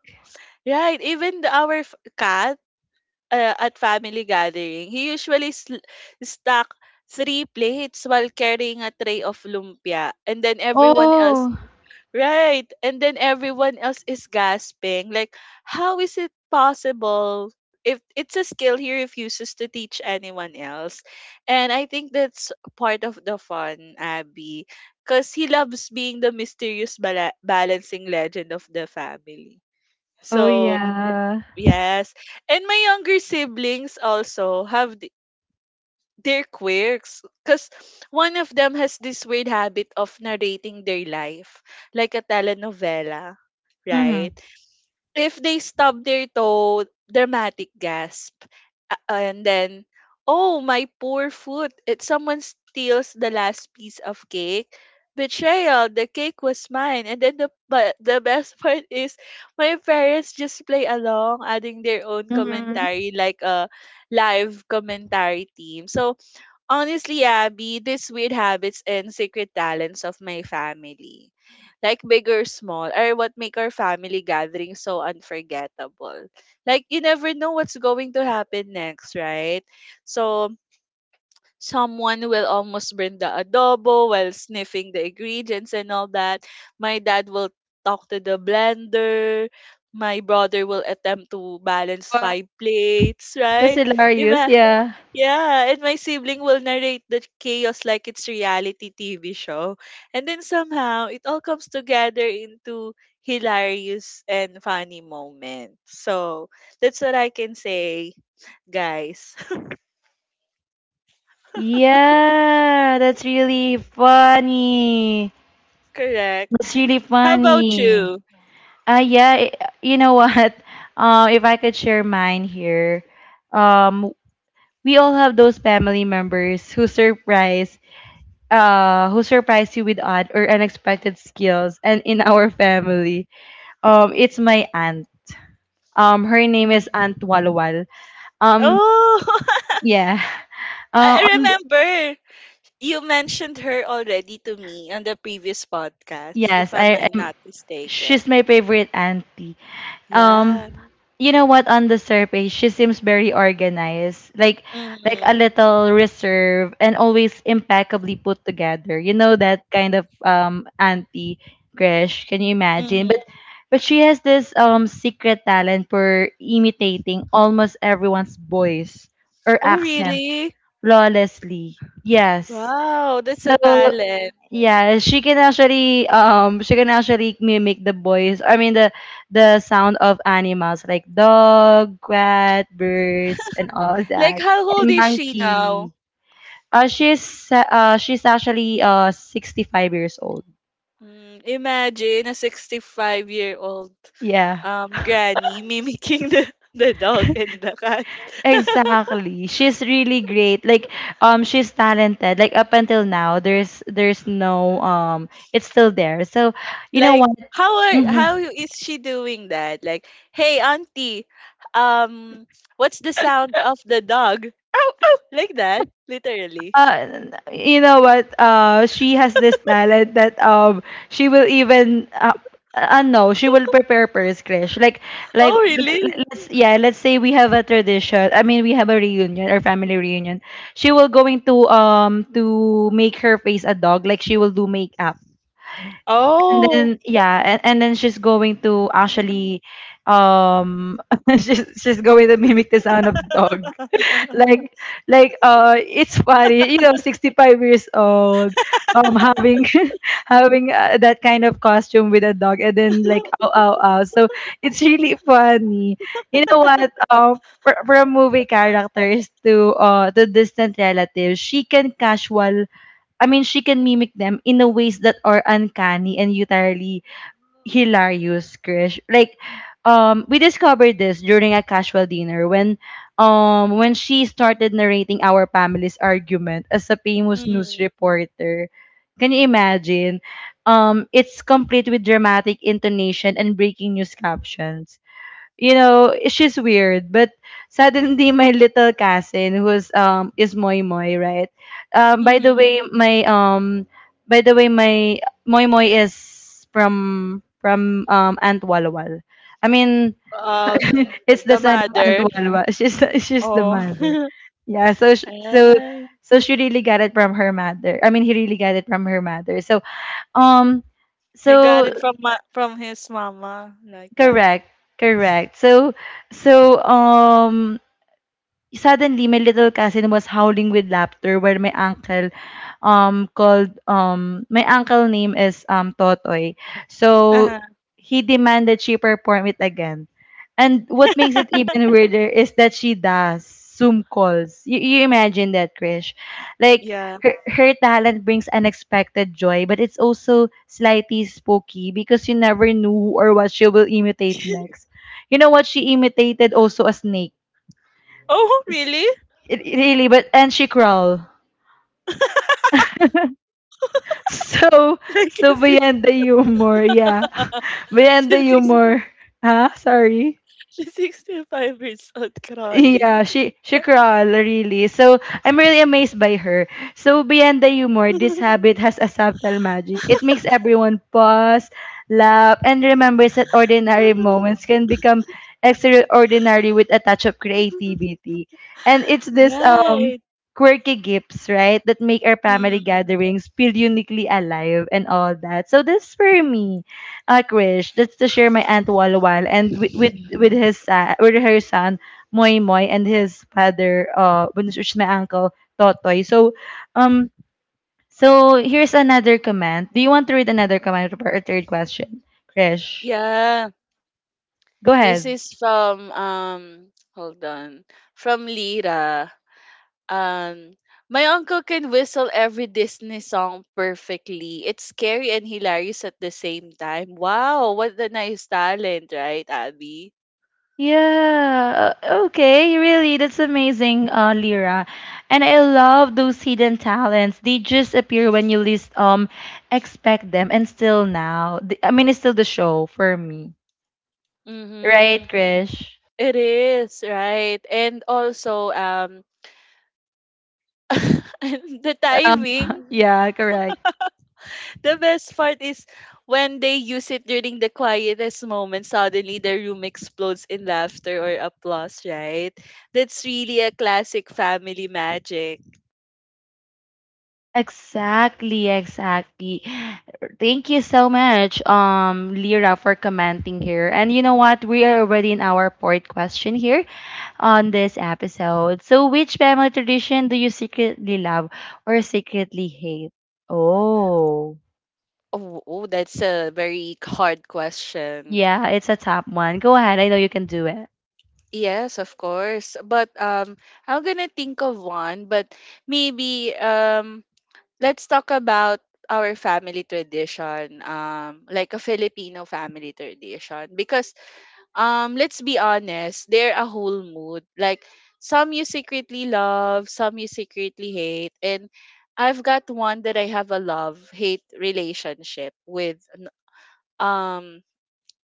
[SPEAKER 2] right, even the, our cat at family gathering, he usually stack three plates while carrying a tray of lumpia, and then everyone else
[SPEAKER 1] Oh.
[SPEAKER 2] right. And then everyone else is gasping. Like, how is it possible? If it's a skill he refuses to teach anyone else. And I think that's part of the fun, Abby. Because he loves being the mysterious balancing legend of the family.
[SPEAKER 1] Oh
[SPEAKER 2] So,
[SPEAKER 1] yeah.
[SPEAKER 2] yes. And my younger siblings also have they're quirks because one of them has this weird habit of narrating their life like a telenovela, right?
[SPEAKER 1] Mm-hmm.
[SPEAKER 2] If they stub their toe, dramatic gasp, and then, "Oh my poor foot." It someone steals the last piece of cake, betrayal, the cake was mine. And then the but the best (laughs) part is my parents just play along, adding their own
[SPEAKER 1] Mm-hmm.
[SPEAKER 2] commentary like a live commentary team. So honestly, Abby, these weird habits and secret talents of my family, like big or small, are what make our family gathering so unforgettable. Like, you never know what's going to happen next, right? So someone will almost burn the adobo while sniffing the ingredients and all that. My dad will talk to the blender. My brother will attempt to balance
[SPEAKER 1] Wow.
[SPEAKER 2] five plates,
[SPEAKER 1] That's
[SPEAKER 2] right?
[SPEAKER 1] hilarious. Yeah.
[SPEAKER 2] Yeah, and my sibling will narrate the chaos like it's reality TV show. And then somehow it all comes together into hilarious and funny moments. So that's what I can say, guys. (laughs)
[SPEAKER 1] Yeah, that's really funny.
[SPEAKER 2] Correct.
[SPEAKER 1] That's really
[SPEAKER 2] How about
[SPEAKER 1] funny.
[SPEAKER 2] you?
[SPEAKER 1] Yeah, you know what? (laughs) If I could share mine here, um, we all have those family members who surprise you with odd or unexpected skills. And in our (laughs) family, it's my aunt. Her name is
[SPEAKER 2] Mm.
[SPEAKER 1] Aunt Walwal. Um,
[SPEAKER 2] Oh, (laughs)
[SPEAKER 1] yeah. (laughs)
[SPEAKER 2] I
[SPEAKER 1] Uh,
[SPEAKER 2] I
[SPEAKER 1] on th-
[SPEAKER 2] remember you mentioned her already to me on the previous podcast, if
[SPEAKER 1] yes,
[SPEAKER 2] I'm
[SPEAKER 1] I am.
[SPEAKER 2] not mistaken.
[SPEAKER 1] She's my favorite auntie. Um,
[SPEAKER 2] Yeah.
[SPEAKER 1] you know what? On the surface, she seems very organized, like a
[SPEAKER 2] Mm-hmm.
[SPEAKER 1] little reserve and always impeccably put together. You know that kind of auntie Gresh. Can you imagine?
[SPEAKER 2] Mm-hmm.
[SPEAKER 1] But she has this secret talent for imitating almost everyone's voice or
[SPEAKER 2] Oh,
[SPEAKER 1] accent
[SPEAKER 2] really?
[SPEAKER 1] flawlessly. Yes.
[SPEAKER 2] Wow, that's
[SPEAKER 1] So
[SPEAKER 2] a talent.
[SPEAKER 1] yeah, she can actually mimic the voice. I mean the sound of animals like dog, cat, birds, and all
[SPEAKER 2] Like,
[SPEAKER 1] that,
[SPEAKER 2] how old
[SPEAKER 1] and
[SPEAKER 2] is she now?
[SPEAKER 1] monkey. She's actually 65 years old.
[SPEAKER 2] Mm, imagine a 65-year-old
[SPEAKER 1] Yeah,
[SPEAKER 2] granny mimicking the, (laughs) the dog and the cat.
[SPEAKER 1] exactly. She's really great. Like, she's talented. Like up until now, there's no it's still there. So, you know
[SPEAKER 2] Like,
[SPEAKER 1] what?
[SPEAKER 2] how are how
[SPEAKER 1] Mm-hmm.
[SPEAKER 2] is she doing that? Like, hey, auntie, um, what's the sound of the dog? Ow, ow, like that, literally.
[SPEAKER 1] uh, you know what? She has this talent that she will even no, she will prepare first crush. Like like
[SPEAKER 2] Oh,
[SPEAKER 1] l-
[SPEAKER 2] really?
[SPEAKER 1] let's yeah, let's say we have a tradition. I mean, we have a reunion or family reunion. She will going to make her face a dog. Like she will do makeup. And
[SPEAKER 2] Oh.
[SPEAKER 1] then yeah, and then she's going to actually um (laughs) she's going to mimic the sound of dog
[SPEAKER 2] (laughs)
[SPEAKER 1] like like it's funny, you know, 65 years old, having (laughs) having that kind of costume with a dog and then like ow ow ow. So it's really funny, you know what, for a movie characters to distant relatives she can casual. I mean she can mimic them in a ways that are uncanny and utterly hilarious, Krish. Like, we discovered this during a casual dinner when she started narrating our family's argument as a famous news
[SPEAKER 2] Mm-hmm.
[SPEAKER 1] reporter. Can you imagine? It's complete with dramatic intonation and breaking news captions. You know, she's weird. But suddenly, my little cousin, who's is Moy Moy, right? By the
[SPEAKER 2] Mm-hmm.
[SPEAKER 1] way, my by the way, my Moy Moy is from Aunt Walwal. I mean, (laughs)
[SPEAKER 2] Uh, the
[SPEAKER 1] it's the
[SPEAKER 2] the
[SPEAKER 1] son of Aunt
[SPEAKER 2] mother.
[SPEAKER 1] Walwal. She's (laughs) she's the
[SPEAKER 2] Oh.
[SPEAKER 1] mother.
[SPEAKER 2] (laughs)
[SPEAKER 1] Yeah. So sh- so
[SPEAKER 2] Right.
[SPEAKER 1] so she really got it from her mother. I mean, he really got it from her mother. Um,
[SPEAKER 2] He got
[SPEAKER 1] so
[SPEAKER 2] it from from his mama like that.
[SPEAKER 1] correct, correct. So suddenly, my little cousin was howling with laughter while my uncle called. My uncle name is Totoy. So
[SPEAKER 2] Uh-huh.
[SPEAKER 1] he demanded she perform it again. And what makes it
[SPEAKER 2] (laughs)
[SPEAKER 1] even weirder is that she does Zoom calls. You imagine that, Krish? Like
[SPEAKER 2] Yeah.
[SPEAKER 1] her, her talent brings unexpected joy, but it's also slightly spooky because you never knew who or what she will imitate
[SPEAKER 2] (laughs)
[SPEAKER 1] next. You know what, she imitated also a snake.
[SPEAKER 2] Oh, really?
[SPEAKER 1] It really, but and she crawled. (laughs)
[SPEAKER 2] (laughs)
[SPEAKER 1] So
[SPEAKER 2] Like
[SPEAKER 1] so
[SPEAKER 2] she's six,
[SPEAKER 1] beyond the humor, yeah. (laughs)
[SPEAKER 2] (laughs)
[SPEAKER 1] Beyond the
[SPEAKER 2] she's six,
[SPEAKER 1] humor. Huh? Sorry.
[SPEAKER 2] she's 65 years old
[SPEAKER 1] Yeah,
[SPEAKER 2] crawling.
[SPEAKER 1] she crawl really. So I'm really amazed by her. So beyond the humor, this
[SPEAKER 2] (laughs)
[SPEAKER 1] habit has a subtle magic. It makes everyone pause, laugh, and remembers that ordinary moments can become extraordinary with a touch of creativity. And it's this
[SPEAKER 2] Right.
[SPEAKER 1] quirky gifts, right, that make our family
[SPEAKER 2] Mm.
[SPEAKER 1] gatherings feel uniquely alive and all that. So that's for me, Krish. That's to share my aunt Walwal and with his son, with her son Moy Moy and his father, which my uncle, Totoy. So, um, so here's another comment. Do you want to read another comment or a third question, Krish?
[SPEAKER 2] Yeah.
[SPEAKER 1] Go
[SPEAKER 2] This
[SPEAKER 1] ahead.
[SPEAKER 2] is from hold on. From Lira. Um, my uncle can whistle every Disney song perfectly. It's scary and hilarious at the same time. Wow, what a nice talent, right, Abby?
[SPEAKER 1] Yeah. Okay. Really, that's amazing, Lyra. And I love those hidden talents. They just appear when you least expect them, and still now, I mean, it's still the show for me, right,
[SPEAKER 2] Mm-hmm.
[SPEAKER 1] Krish?
[SPEAKER 2] It is, right? And also, (laughs) and the
[SPEAKER 1] Um,
[SPEAKER 2] timing.
[SPEAKER 1] (laughs) yeah, correct.
[SPEAKER 2] The best part is when they use it during the quietest moment, suddenly the room explodes in laughter or applause, right? That's really a classic family magic.
[SPEAKER 1] Exactly, exactly. Thank you so much, Lyra, for commenting here. And you know what? We are already in our fourth question here on this episode. So, which family tradition do you secretly love or secretly hate? Oh,
[SPEAKER 2] Oh, oh, that's a very hard question.
[SPEAKER 1] yeah, it's a top one. Go ahead. I know you can do it.
[SPEAKER 2] Yes, of course. But I'm gonna think of one. But maybe let's talk about our family tradition, like a Filipino family tradition. Because let's be honest, they're a whole mood. Like some you secretly love, some you secretly hate, and I've got one that I have a love hate relationship with. Um,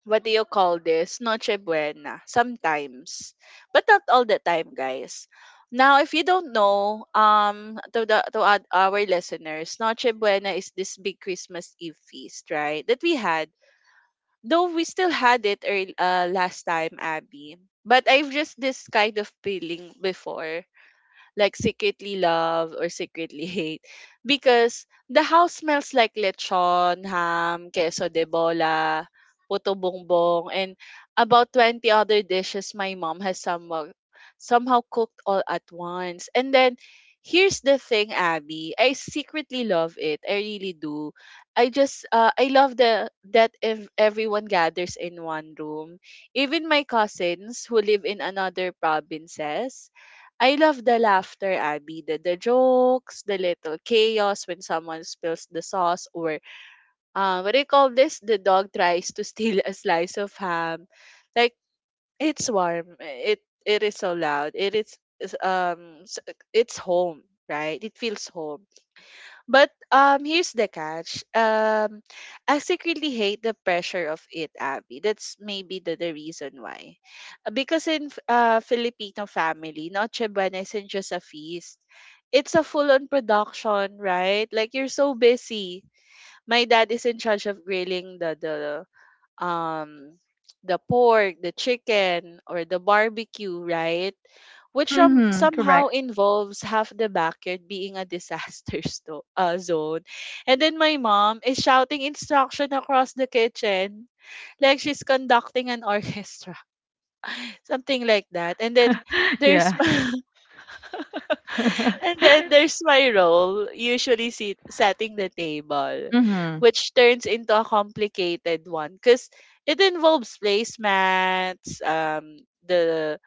[SPEAKER 2] what do you call this? Noche Buena. Sometimes. But not all the time, guys. Now, if you don't know, to the to our listeners, Noche Buena is this big Christmas Eve feast, right? That we had, though we still had it last time, Abby. But I've just this kind of feeling before like secretly love or secretly hate because the house smells like lechon, ham, queso de bola, puto bongbong, and about 20 other dishes my mom has somehow, somehow cooked all at once. And then here's the thing, Abby, I secretly love it. I really do. I just I love the that if everyone gathers in one room even my cousins who live in another provinces. I love the laughter, Abby. The jokes, the little chaos when someone spills the sauce, or what do you call this? The dog tries to (laughs) steal a slice of ham. Like it's warm. It is so loud. It is, it's home, right? It feels home. But here's the catch. I secretly hate the pressure of it, Abby. That's maybe the reason why. Because in Filipino family, Noche Buena isn't just a feast. It's a full-on production, right? Like you're so busy. My dad is in charge of grilling um the pork, the chicken, or the barbecue, right? Which
[SPEAKER 1] Mm-hmm.
[SPEAKER 2] somehow
[SPEAKER 1] Correct.
[SPEAKER 2] involves half the backyard being a disaster (laughs) zone. And then my mom is shouting instruction across the kitchen like she's conducting an orchestra, (laughs) something like that. And then
[SPEAKER 1] (laughs)
[SPEAKER 2] there's
[SPEAKER 1] Yeah.
[SPEAKER 2] (laughs) (laughs) and
[SPEAKER 1] (laughs)
[SPEAKER 2] then there's my role, usually sit, setting the table,
[SPEAKER 1] Mm-hmm.
[SPEAKER 2] which turns into a complicated one because it involves placemats, the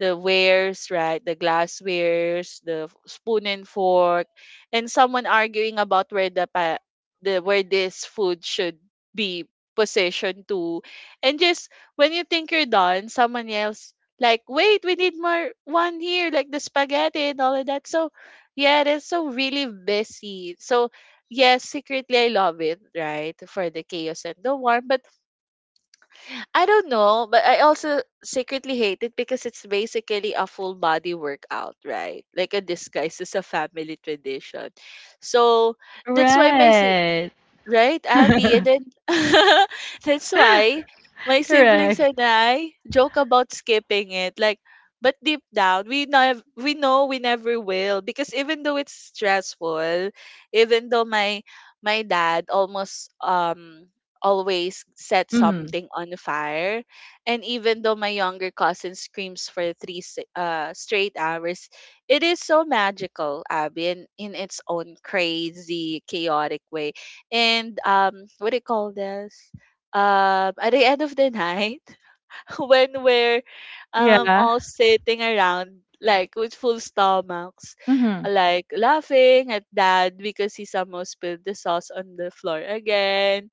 [SPEAKER 2] the wares, right? The glasswares, the spoon and fork, and someone arguing about where the the where this food should be positioned to. And just when you think you're done, someone else like, wait, we need more one here, like the spaghetti and all of that. So yeah, that's so really busy. So yes, secretly I love it, right? For the chaos and the warmth. But I don't know, but I also secretly hate it because it's basically a full body workout, right? Like a disguise as a family tradition. So that's why my si
[SPEAKER 1] Right.
[SPEAKER 2] right, Abby? And
[SPEAKER 1] (laughs)
[SPEAKER 2] then (laughs) that's why my siblings
[SPEAKER 1] Correct.
[SPEAKER 2] and I joke about skipping it. Like, but deep down, we know we never will because even though it's stressful, even though my dad almost always set
[SPEAKER 1] Mm-hmm.
[SPEAKER 2] something on fire, and even though my younger cousin screams for three straight hours, it is so magical, Abby, in its own crazy, chaotic way and what do you call this at the end of the night (laughs) when we're
[SPEAKER 1] Yeah.
[SPEAKER 2] all sitting around like with full stomachs
[SPEAKER 1] Mm-hmm.
[SPEAKER 2] like laughing at dad because he somehow spilled the sauce on the floor again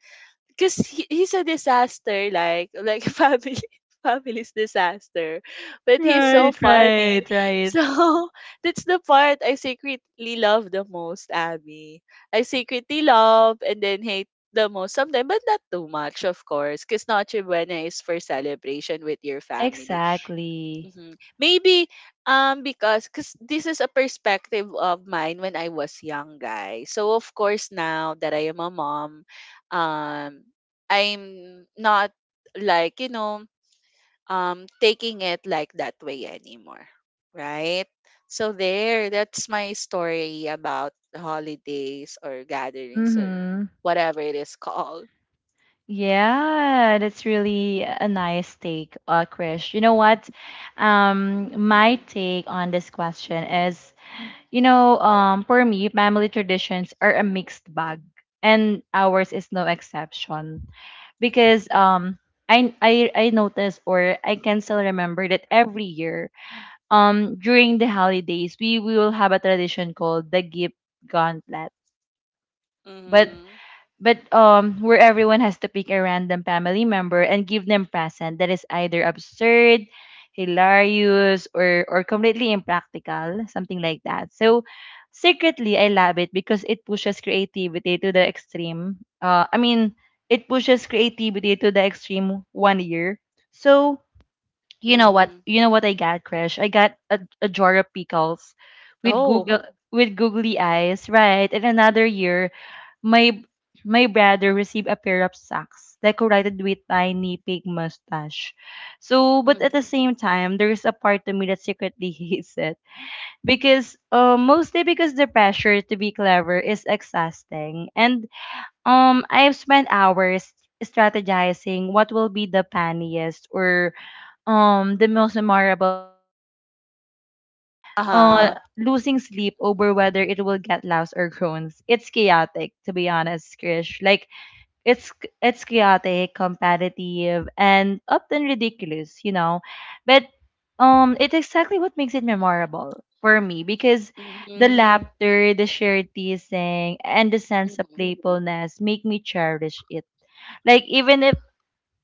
[SPEAKER 2] because he's a disaster like (laughs) family family's disaster but he's so
[SPEAKER 1] Right,
[SPEAKER 2] funny
[SPEAKER 1] right, right.
[SPEAKER 2] so (laughs) that's the part I secretly love the most Abby I secretly love and then hate the most sometimes but not too much of course because Noche Buena is for celebration with your family.
[SPEAKER 1] Exactly.
[SPEAKER 2] Mhm. Maybe because cause this is a perspective of mine when I was young, guys. So of course now that I am a mom, um I'm not like, you know, taking it like that way anymore. Right? So there, that's my story about the holidays or gatherings or
[SPEAKER 1] Mm-hmm.
[SPEAKER 2] whatever it is called.
[SPEAKER 1] Yeah, that's really a nice take, Krish. You know what? My take on this question is, you know, for me, family traditions are a mixed bag, and ours is no exception, because I noticed, or I can still remember, that every year during the holidays we will have a tradition called the gift gauntlet. But
[SPEAKER 2] Mhm.
[SPEAKER 1] but where everyone has to pick a random family member and give them present that is either absurd, hilarious, or completely impractical, something like that. So secretly I love it because it pushes creativity to the extreme. I mean it pushes creativity to the extreme one year. So you know what?
[SPEAKER 2] Mhm.
[SPEAKER 1] You know what I got, Crash? I got a jar of pickles with
[SPEAKER 2] Oh.
[SPEAKER 1] Google with googly eyes, right? And another year my my brother received a pair of socks decorated with tiny pig mustache. So, but
[SPEAKER 2] Mhm.
[SPEAKER 1] at the same time, there is a part to me that secretly (laughs) hates it because, mostly because the pressure to be clever is exhausting, and I've spent hours strategizing what will be the funniest or the most memorable gift, and sometimes uh,
[SPEAKER 2] Uh-huh.
[SPEAKER 1] losing sleep over whether it will get louse or groans. It's chaotic, to be honest, Krish. Like it's it's chaotic, competitive, and often ridiculous, you know. But it's exactly what makes it memorable for me because the
[SPEAKER 2] Mhm.
[SPEAKER 1] laughter, the shared teasing, and the sense of
[SPEAKER 2] Mhm.
[SPEAKER 1] playfulness make me cherish it. Like even if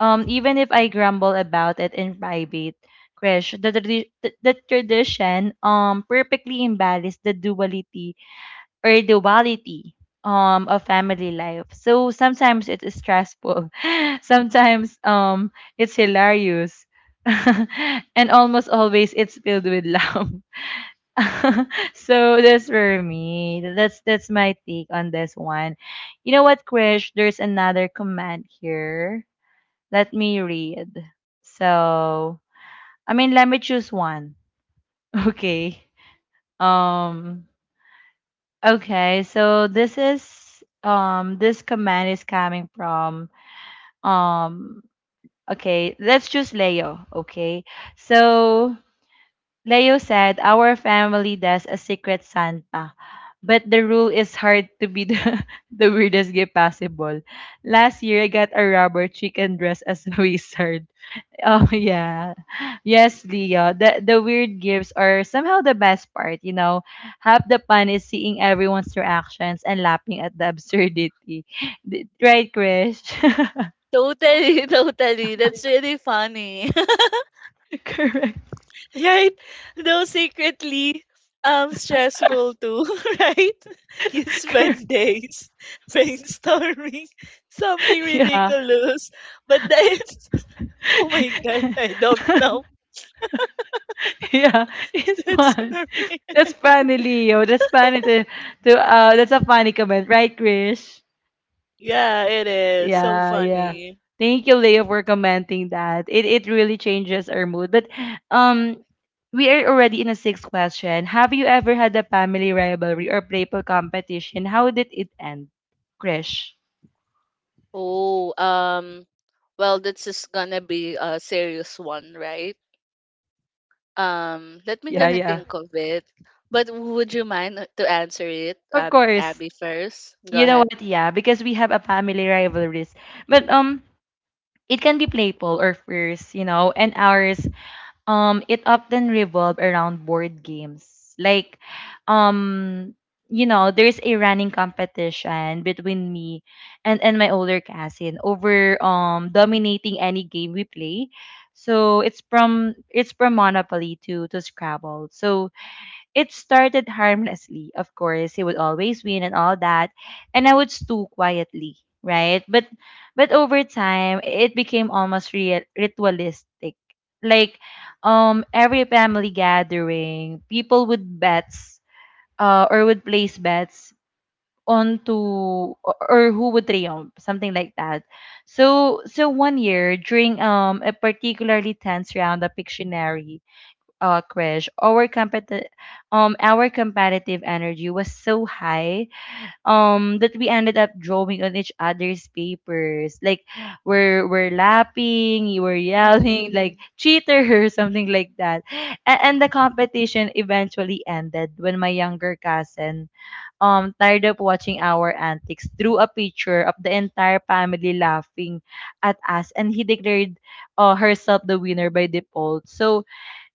[SPEAKER 1] um, even if I grumble about it in private, Krish, the tradition perfectly embodies the duality or duality of family life. So sometimes it is stressful, (laughs) sometimes it's hilarious, (laughs) and almost always it's filled with love. (laughs) So that's for me. That's my take on this one. You know what, Krish? There's another comment here. Let me read. So, I mean, let me choose one. (laughs) Okay. Um, okay. So this is this command is coming from um okay, let's choose Leo, okay? So Leo said our family does a secret Santa, but the rule is hard to be the, (laughs) the weirdest gift possible. Last year I got a rubber chicken dressed as a (laughs) wizard. Oh (laughs) yeah. Yes, Leo. The weird gifts are somehow the best part, you know. Half the fun is seeing everyone's reactions and laughing at the (laughs) absurdity. D- Right, Krish? (laughs)
[SPEAKER 2] Totally, (laughs) totally. That's really funny.
[SPEAKER 1] Correct.
[SPEAKER 2] (laughs) right? Though secretly stressful too, (laughs) right? (laughs) You
[SPEAKER 1] (laughs) Correct.
[SPEAKER 2] spend days (laughs) brainstorming (laughs) something
[SPEAKER 1] Yeah.
[SPEAKER 2] ridiculous. But then (laughs) oh my god, I don't know.
[SPEAKER 1] (laughs) Yeah. It's
[SPEAKER 2] (laughs) That's
[SPEAKER 1] fun.
[SPEAKER 2] funny.
[SPEAKER 1] That's funny, Leo. That's funny to, to that's a funny comment, right, Krish?
[SPEAKER 2] Yeah, it is. So
[SPEAKER 1] Yeah, yeah.
[SPEAKER 2] funny.
[SPEAKER 1] Thank you, Leo, for commenting that. It really changes our mood. But um we are already in a sixth question. Have you ever had a family rivalry or playful competition? How did it end? Krish.
[SPEAKER 2] Oh, well that's just gonna be a serious one, right? Let me
[SPEAKER 1] Yeah,
[SPEAKER 2] gonna
[SPEAKER 1] yeah.
[SPEAKER 2] think of it. But would you mind to answer it,
[SPEAKER 1] Of course.
[SPEAKER 2] Abby first? Go
[SPEAKER 1] You know
[SPEAKER 2] ahead.
[SPEAKER 1] what? Yeah, because we have a family rivalries. But it can be playful or fierce, you know, and ours it often revolve around board games like um you know there's a running competition between me and my older cousin over dominating any game we play. So it's from monopoly to scrabble. So it started harmlessly, of course. He would always win and all that. And I would stew quietly, right? But over time it became almost real ritualistic. Like every family gathering, people would bets or would place bets onto or who would triumph, something like that. So so one year during a particularly tense round of Pictionary, Krish, our competitive energy was so high that we ended up drawing on each other's papers. Like we're laughing, you were yelling
[SPEAKER 2] Mm-hmm.
[SPEAKER 1] like cheater (laughs) or something like that. And the competition eventually ended when my younger cousin, tired of watching our antics, drew a picture of the entire family laughing at us, and he declared herself the winner by default. So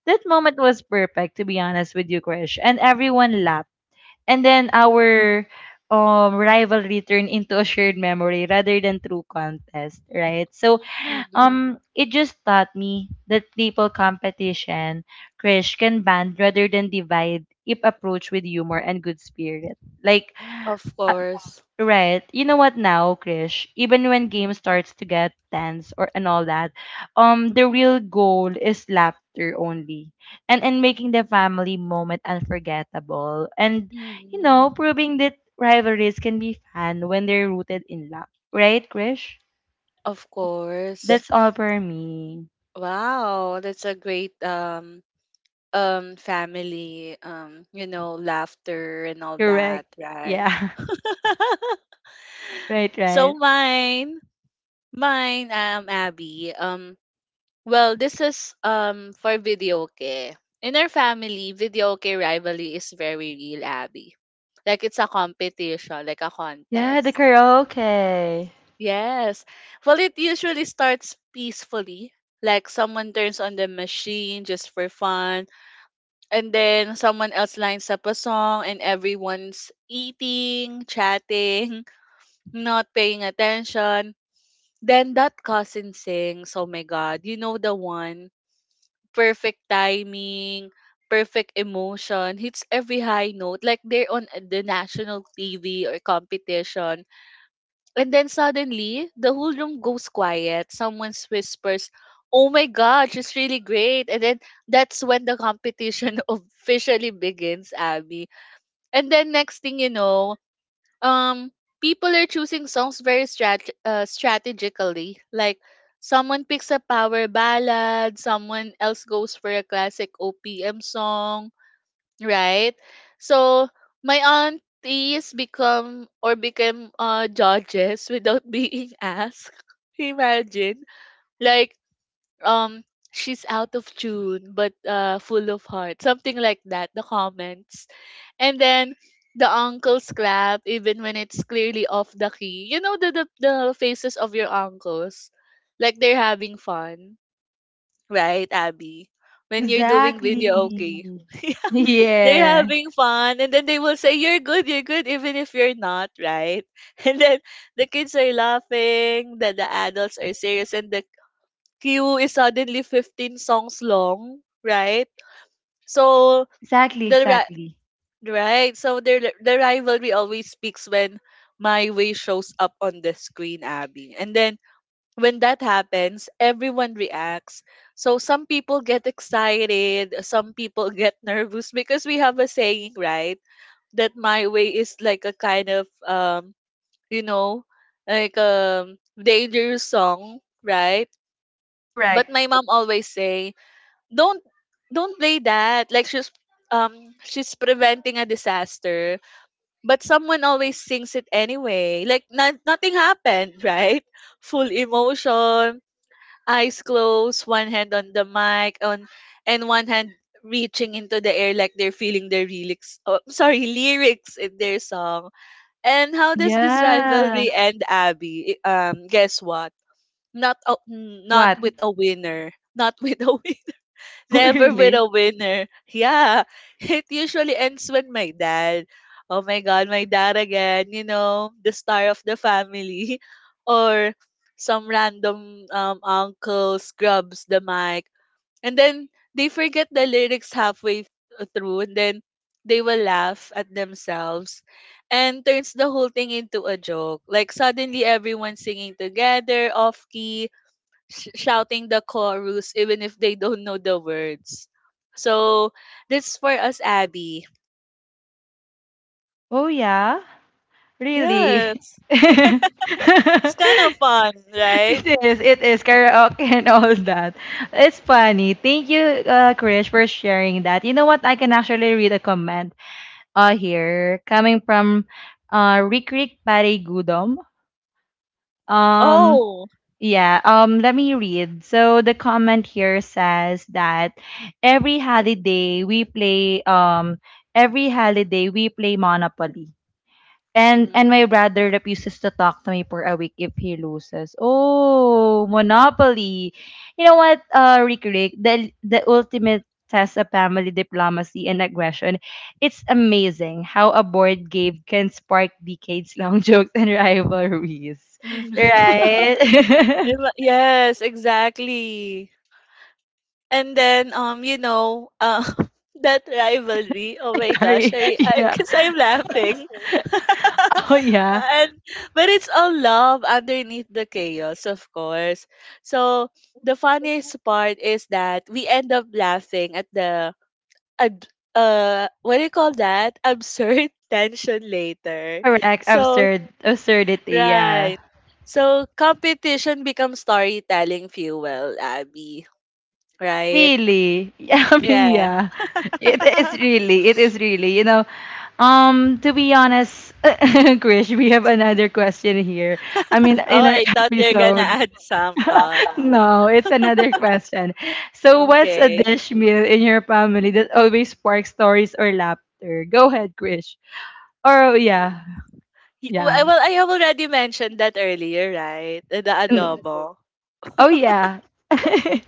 [SPEAKER 1] that moment was perfect, to be honest with you, Krish. And everyone laughed. And then our rivalry turned into a shared memory rather than true contest, right? So
[SPEAKER 2] Mm-hmm.
[SPEAKER 1] it just taught me that people competition, Krish, can band rather than divide if approached with humor and good spirit. Like
[SPEAKER 2] Of course.
[SPEAKER 1] Right. You know what now, Krish? Even when game starts to get tense or and all that, the real goal is laughter only, and making the family moment unforgettable, and you know,
[SPEAKER 2] Mm-hmm.
[SPEAKER 1] proving that rivalries can be fun when they're rooted in love. Right, Krish?
[SPEAKER 2] Of course.
[SPEAKER 1] That's all Yes. for me.
[SPEAKER 2] Wow, that's a great family you know laughter and all
[SPEAKER 1] Correct.
[SPEAKER 2] that, right?
[SPEAKER 1] Yeah. (laughs)
[SPEAKER 2] (laughs)
[SPEAKER 1] Right.
[SPEAKER 2] So
[SPEAKER 1] Right.
[SPEAKER 2] mine, mine Abby. Well, this is for videoke. In our family, videoke rivalry is very real, Abby. Like it's a competition, like a
[SPEAKER 1] Yeah. The
[SPEAKER 2] contest.
[SPEAKER 1] karaoke.
[SPEAKER 2] Yes. Well, it usually starts peacefully. Like someone turns on the machine just for fun, and then someone else lines up a song, and everyone's eating, chatting, (laughs) not paying attention. Then that cousin sings, "Oh my God, you know the one." Perfect timing, perfect emotion, hits every high note, like they're on the national TV or competition. And then suddenly, the whole room goes quiet. Someone whispers, "Oh my God, she's really great." And then that's when the competition (laughs) officially begins, Abby. And then next thing you know, um people are choosing songs strategically. Like someone picks a power ballad, someone else goes for a classic OPM song, right? So my aunties become or became judges without (laughs) being asked. Imagine, like, um she's out of tune but full of heart, something like that, the comments. And then the uncles clap even when it's clearly off the key. You know the faces of your uncles, like they're having fun, right, Abby? When you're doing video, okay.
[SPEAKER 1] Exactly.
[SPEAKER 2] (laughs) Yeah,
[SPEAKER 1] (laughs)
[SPEAKER 2] they're
[SPEAKER 1] Yeah.
[SPEAKER 2] having fun, and then they will say you're good, you're good, even if you're not, right? (laughs) And then the kids are laughing, the adults are serious, and the Q is suddenly 15 songs long, right? So
[SPEAKER 1] Exactly.
[SPEAKER 2] the ri-
[SPEAKER 1] Exactly.
[SPEAKER 2] right, so the rivalry always speaks when My Way shows up on the screen, Abby. And then when that happens, everyone reacts. So some people get excited, some people (laughs) get nervous, because we have a saying, right? That My Way is like a kind of, you know, dangerous song, right?
[SPEAKER 1] Correct.
[SPEAKER 2] But my mom always say don't don't play that, like she's, um she's preventing a disaster. But someone always sings it anyway, like nothing happened, (laughs) right? Full emotion, eyes closed, one hand on the mic on, and one hand reaching into the air, like they're feeling their lyrics. Oh, (laughs) sorry, lyrics in their song. And how does this
[SPEAKER 1] Yeah.
[SPEAKER 2] rivalry end, Abby? Guess what? Not not
[SPEAKER 1] What?
[SPEAKER 2] with a winner, not (laughs) with a—
[SPEAKER 1] (laughs)
[SPEAKER 2] Never with
[SPEAKER 1] Really?
[SPEAKER 2] a winner. Yeah. (laughs) It usually ends when my dad, oh my God, my dad again, you know, the star of the family, (laughs) or some random uncle scrubs the mic. And then they forget the lyrics through, and then they will laugh at themselves and turns the whole thing into a joke. Like suddenly everyone's singing together off key, shouting the chorus even if they don't know the words. So that's for us, Abby.
[SPEAKER 1] Oh yeah? Really?
[SPEAKER 2] Yes. (laughs)
[SPEAKER 1] (laughs)
[SPEAKER 2] It's kind of fun, right?
[SPEAKER 1] It is karaoke and all that. It's funny. Thank you, Krish, for sharing that. You know what? I can actually read a comment here coming from Rick Rick Pare Gudom. Um,
[SPEAKER 2] Oh.
[SPEAKER 1] Yeah, let me read. So the comment here says that every holiday we play um every holiday we play Monopoly. And
[SPEAKER 2] Mm-hmm.
[SPEAKER 1] my brother refuses to talk to me for a week if he loses. Oh, Monopoly. You know what, Rick Rick, the ultimate test of family diplomacy and aggression. It's amazing how a board game can spark decades long (laughs) jokes and rivalries.
[SPEAKER 2] (laughs)
[SPEAKER 1] Right? (laughs)
[SPEAKER 2] Yes, exactly. And then (laughs) that rivalry. Oh my gosh,
[SPEAKER 1] Sorry. (laughs)
[SPEAKER 2] I
[SPEAKER 1] Yeah.
[SPEAKER 2] cause I'm laughing.
[SPEAKER 1] Oh,
[SPEAKER 2] (laughs)
[SPEAKER 1] yeah.
[SPEAKER 2] And but it's all love underneath the chaos, of course. So the funniest part is that we end up laughing at the ad, what do you call that? Absurd (laughs) tension later.
[SPEAKER 1] Correct. Like,
[SPEAKER 2] So
[SPEAKER 1] Absurd. Absurdity. Yeah.
[SPEAKER 2] right. So competition becomes storytelling fuel, Abby. Right?
[SPEAKER 1] Really. Yeah. (laughs) I mean,
[SPEAKER 2] Yeah.
[SPEAKER 1] yeah. It is
[SPEAKER 2] (laughs)
[SPEAKER 1] really. It is really. You know, to be honest, (laughs) Krish, we have another question here. I mean,
[SPEAKER 2] Oh,
[SPEAKER 1] in our
[SPEAKER 2] I thought you're gonna
[SPEAKER 1] episode.
[SPEAKER 2] add some
[SPEAKER 1] (laughs)
[SPEAKER 2] thoughts.
[SPEAKER 1] No, it's another question. So, what's a
[SPEAKER 2] Okay.
[SPEAKER 1] dish meal in your family that always sparks stories or laughter? Go ahead, Krish. Or, yeah.
[SPEAKER 2] Well,
[SPEAKER 1] Yeah.
[SPEAKER 2] I have already mentioned that earlier, right? The
[SPEAKER 1] Mm.
[SPEAKER 2] adobo. (laughs)
[SPEAKER 1] Oh, yeah. (laughs)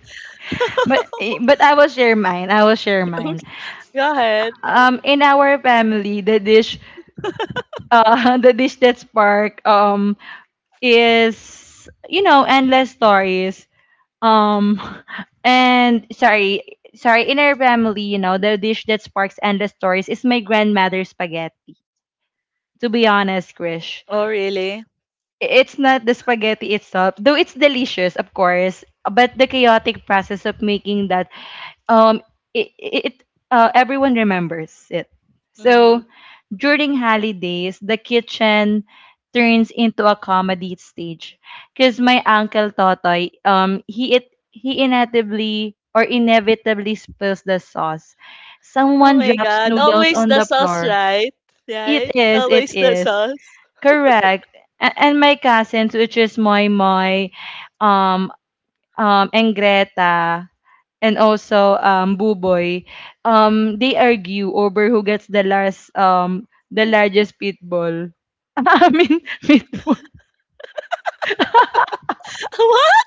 [SPEAKER 1] But I will share mine. I will share
[SPEAKER 2] Okay,
[SPEAKER 1] mine.
[SPEAKER 2] go ahead.
[SPEAKER 1] In our family, the dish, (laughs) the dish that spark is endless stories. Um, (laughs) and sorry, sorry. In our family, the dish that sparks endless stories is my grandmother's spaghetti. To be honest, Krish.
[SPEAKER 2] Oh, really?
[SPEAKER 1] It's not the spaghetti itself, though it's delicious, of course, but the chaotic process of making that um it, it everyone remembers it.
[SPEAKER 2] Mm-hmm.
[SPEAKER 1] So during holidays, the kitchen turns into a comedy stage because my uncle Totoy he inevitably or inevitably spills the sauce.
[SPEAKER 2] Oh
[SPEAKER 1] Someone
[SPEAKER 2] my
[SPEAKER 1] drops
[SPEAKER 2] God.
[SPEAKER 1] noodles
[SPEAKER 2] Always
[SPEAKER 1] on
[SPEAKER 2] the
[SPEAKER 1] the
[SPEAKER 2] sauce,
[SPEAKER 1] floor.
[SPEAKER 2] right?
[SPEAKER 1] It
[SPEAKER 2] Right?
[SPEAKER 1] is, it
[SPEAKER 2] Always the
[SPEAKER 1] is.
[SPEAKER 2] sauce.
[SPEAKER 1] Correct. And my cousins, which is Moy Moy, um, and Greta, and also Buboy, they argue over who gets the last, the largest pitbull. (laughs) I mean, meatball. (laughs)
[SPEAKER 2] (laughs) What?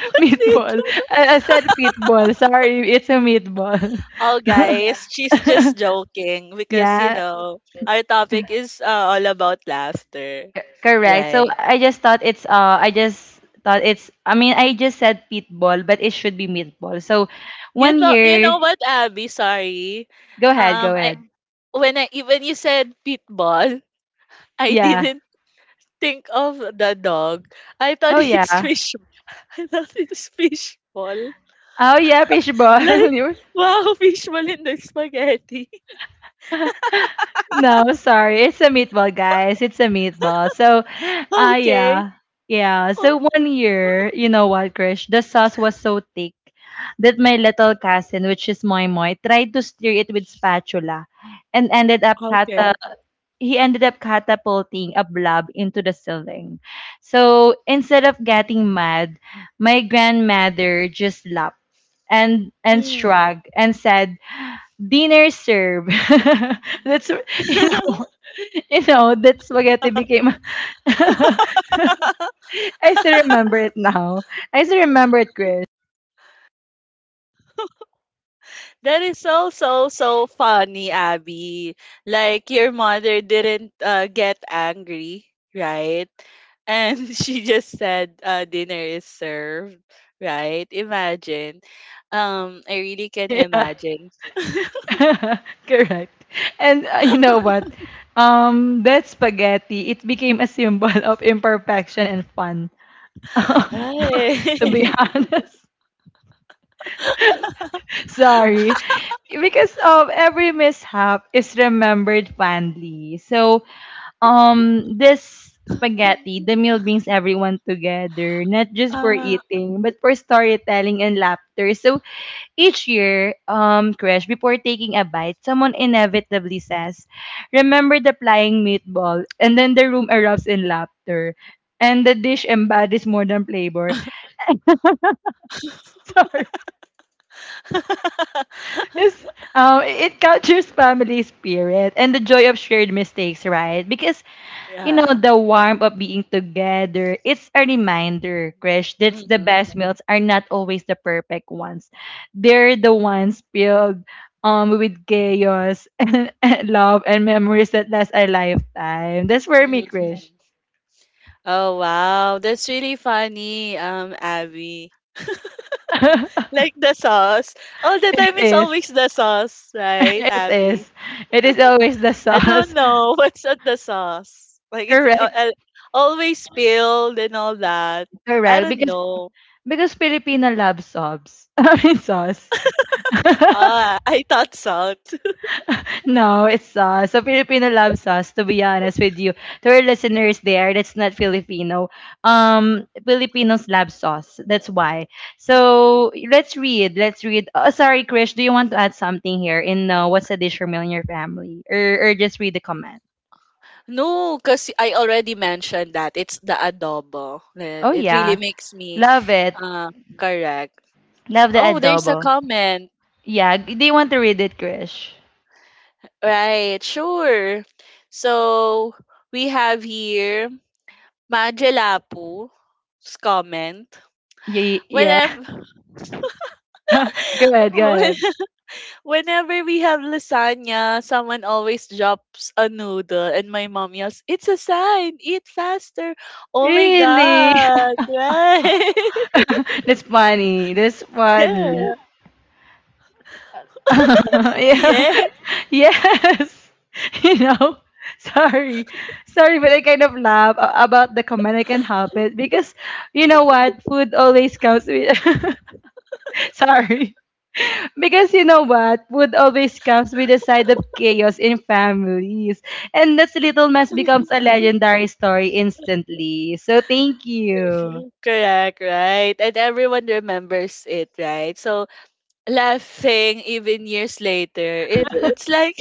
[SPEAKER 2] What did?
[SPEAKER 1] Meatball. I said pitbull. Sorry, it's a meatball.
[SPEAKER 2] Oh, guys, she's just
[SPEAKER 1] (laughs)
[SPEAKER 2] joking because, you
[SPEAKER 1] Yeah,
[SPEAKER 2] know, our topic is all about laughter,
[SPEAKER 1] correct. So
[SPEAKER 2] right?
[SPEAKER 1] I just thought it's I just thought it's I mean I just said pitbull, but it should be meatball. So
[SPEAKER 2] You
[SPEAKER 1] one
[SPEAKER 2] thought, you
[SPEAKER 1] year.
[SPEAKER 2] know what, Abby? Sorry.
[SPEAKER 1] Go ahead, go
[SPEAKER 2] Um, I,
[SPEAKER 1] ahead.
[SPEAKER 2] when when you said pitbull, I
[SPEAKER 1] Yeah.
[SPEAKER 2] didn't think of the dog. I thought
[SPEAKER 1] Oh
[SPEAKER 2] it's
[SPEAKER 1] yeah.
[SPEAKER 2] fish. (laughs) I thought it's fishball.
[SPEAKER 1] Oh yeah, fishball. (laughs)
[SPEAKER 2] Like
[SPEAKER 1] You- were-
[SPEAKER 2] wow, (laughs) fishball in the spaghetti. (laughs)
[SPEAKER 1] no, sorry. It's a meatball, guys. It's a meatball. So, ah
[SPEAKER 2] Okay.
[SPEAKER 1] yeah. Yeah.
[SPEAKER 2] Oh,
[SPEAKER 1] So one year, you know what, Krish, the sauce was so thick that my little cousin, which is Moy Moy, tried to stir it with spatula and ended up cut
[SPEAKER 2] okay.
[SPEAKER 1] he ended up catapulting a blob into the ceiling. So instead of getting mad, my grandmother just laughed and
[SPEAKER 2] Hmm.
[SPEAKER 1] shrugged and said, "Dinner served." (laughs) that's, you know, (laughs) you know that spaghetti became. (laughs)
[SPEAKER 2] (laughs)
[SPEAKER 1] I still remember it now. I still remember it, Chris. (laughs)
[SPEAKER 2] That is so so so funny, Abby. Like your mother didn't get angry, right? And (laughs) she just said dinner is served, right? Imagine. I really can
[SPEAKER 1] Yeah.
[SPEAKER 2] imagine.
[SPEAKER 1] (laughs) Correct. And you know what? That spaghetti, it became a symbol of imperfection and fun.
[SPEAKER 2] (laughs)
[SPEAKER 1] (laughs) to be
[SPEAKER 2] Hi.
[SPEAKER 1] honest.
[SPEAKER 2] (laughs)
[SPEAKER 1] (laughs) Sorry. Because of every mishap is remembered fondly. So, this spaghetti, the meal brings everyone together, not just for
[SPEAKER 2] uh,
[SPEAKER 1] eating, but for storytelling and laughter. So, each year, Krish, before taking a bite, someone inevitably says, remember the flying meatball? And then the room erupts in laughter. And the dish embodies more than flavor. (laughs) Sorry. It's,
[SPEAKER 2] (laughs)
[SPEAKER 1] it captures family spirit and the joy of shared mistakes, right? Because you know,
[SPEAKER 2] yeah.
[SPEAKER 1] the warmth of being together. It's a reminder, Krish, that's the
[SPEAKER 2] Mhm,
[SPEAKER 1] best meals are not always the perfect ones. They're the ones filled with chaos (laughs) and love and memories that last a lifetime. That's for me, Krish.
[SPEAKER 2] mhm. Oh wow, that's really funny, Abby.
[SPEAKER 1] (laughs) it
[SPEAKER 2] Like the sauce. All the time it's
[SPEAKER 1] is.
[SPEAKER 2] always
[SPEAKER 1] (laughs)
[SPEAKER 2] the sauce, right,
[SPEAKER 1] It
[SPEAKER 2] Abby?
[SPEAKER 1] is. It is always the
[SPEAKER 2] I don't
[SPEAKER 1] sauce.
[SPEAKER 2] know (laughs) what's on the sauce.
[SPEAKER 1] (laughs)
[SPEAKER 2] Like it's
[SPEAKER 1] Correct.
[SPEAKER 2] always spilled and all that. I
[SPEAKER 1] Correct.
[SPEAKER 2] don't
[SPEAKER 1] Because
[SPEAKER 2] know.
[SPEAKER 1] because Filipino love sobs. (laughs) I mean sauce. (laughs)
[SPEAKER 2] Ah, (laughs) I thought salt. (laughs)
[SPEAKER 1] No, it's us. So Filipino loves us, to be honest with you. To our listeners there, that's not Filipino. Filipinos love sauce. That's why. So
[SPEAKER 2] Mm.
[SPEAKER 1] let's read. Let's read. Oh, sorry, Krish. Do you want to add something here in what's a dish for meal in your family, or just read the comment?
[SPEAKER 2] No, because I already mentioned that it's the adobo. Then
[SPEAKER 1] Oh
[SPEAKER 2] it really
[SPEAKER 1] yeah,
[SPEAKER 2] makes me
[SPEAKER 1] love it.
[SPEAKER 2] uh correct.
[SPEAKER 1] Love the
[SPEAKER 2] Oh, there's a
[SPEAKER 1] adobo.
[SPEAKER 2] comment.
[SPEAKER 1] Yeah. Do you want to read it, Krish?
[SPEAKER 2] Right, sure. So we have here Mangelapu's comment.
[SPEAKER 1] Yeah. Yeah.
[SPEAKER 2] Whenever
[SPEAKER 1] (laughs) go ahead. Go ahead.
[SPEAKER 2] (laughs) whenever we have lasagna, someone always drops a noodle and my mom yells, "It's a sign, eat faster." Oh my
[SPEAKER 1] Really?
[SPEAKER 2] god, right?
[SPEAKER 1] (laughs) That's funny. That's
[SPEAKER 2] (laughs)
[SPEAKER 1] funny.
[SPEAKER 2] Yeah.
[SPEAKER 1] (laughs) yeah.
[SPEAKER 2] Yeah.
[SPEAKER 1] (laughs) Yes. (laughs) You know, (laughs) sorry. Sorry, but I kind of laugh about the comment. I can help it because you know what? Food always comes with. (laughs) sorry. Because you know what? Food always comes with a side of chaos in families. And this little mess
[SPEAKER 2] (laughs)
[SPEAKER 1] becomes a legendary story instantly. So thank you.
[SPEAKER 2] Correct, right? And everyone remembers it, right? So laughing even years later, it's like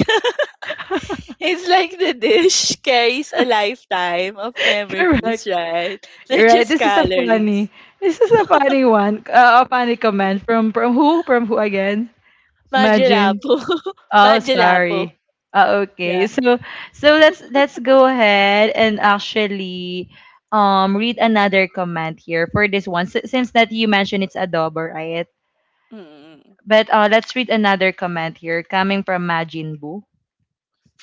[SPEAKER 2] it's like the dish (laughs) carries a lifetime of
[SPEAKER 1] (laughs) Correct.
[SPEAKER 2] memories, right? (laughs) Not
[SPEAKER 1] Right.
[SPEAKER 2] just
[SPEAKER 1] This is a
[SPEAKER 2] calories.
[SPEAKER 1] funny. This is a funny one. A funny comment from who? From who again? Imagine.
[SPEAKER 2] Magelapo. (laughs)
[SPEAKER 1] Oh,
[SPEAKER 2] Magelapo.
[SPEAKER 1] sorry. Okay.
[SPEAKER 2] Yeah.
[SPEAKER 1] So so let's go ahead and actually read another comment here for this one since that you mentioned it's adobo, right?
[SPEAKER 2] Mm-hmm.
[SPEAKER 1] But let's read another comment here coming from Majin Buu.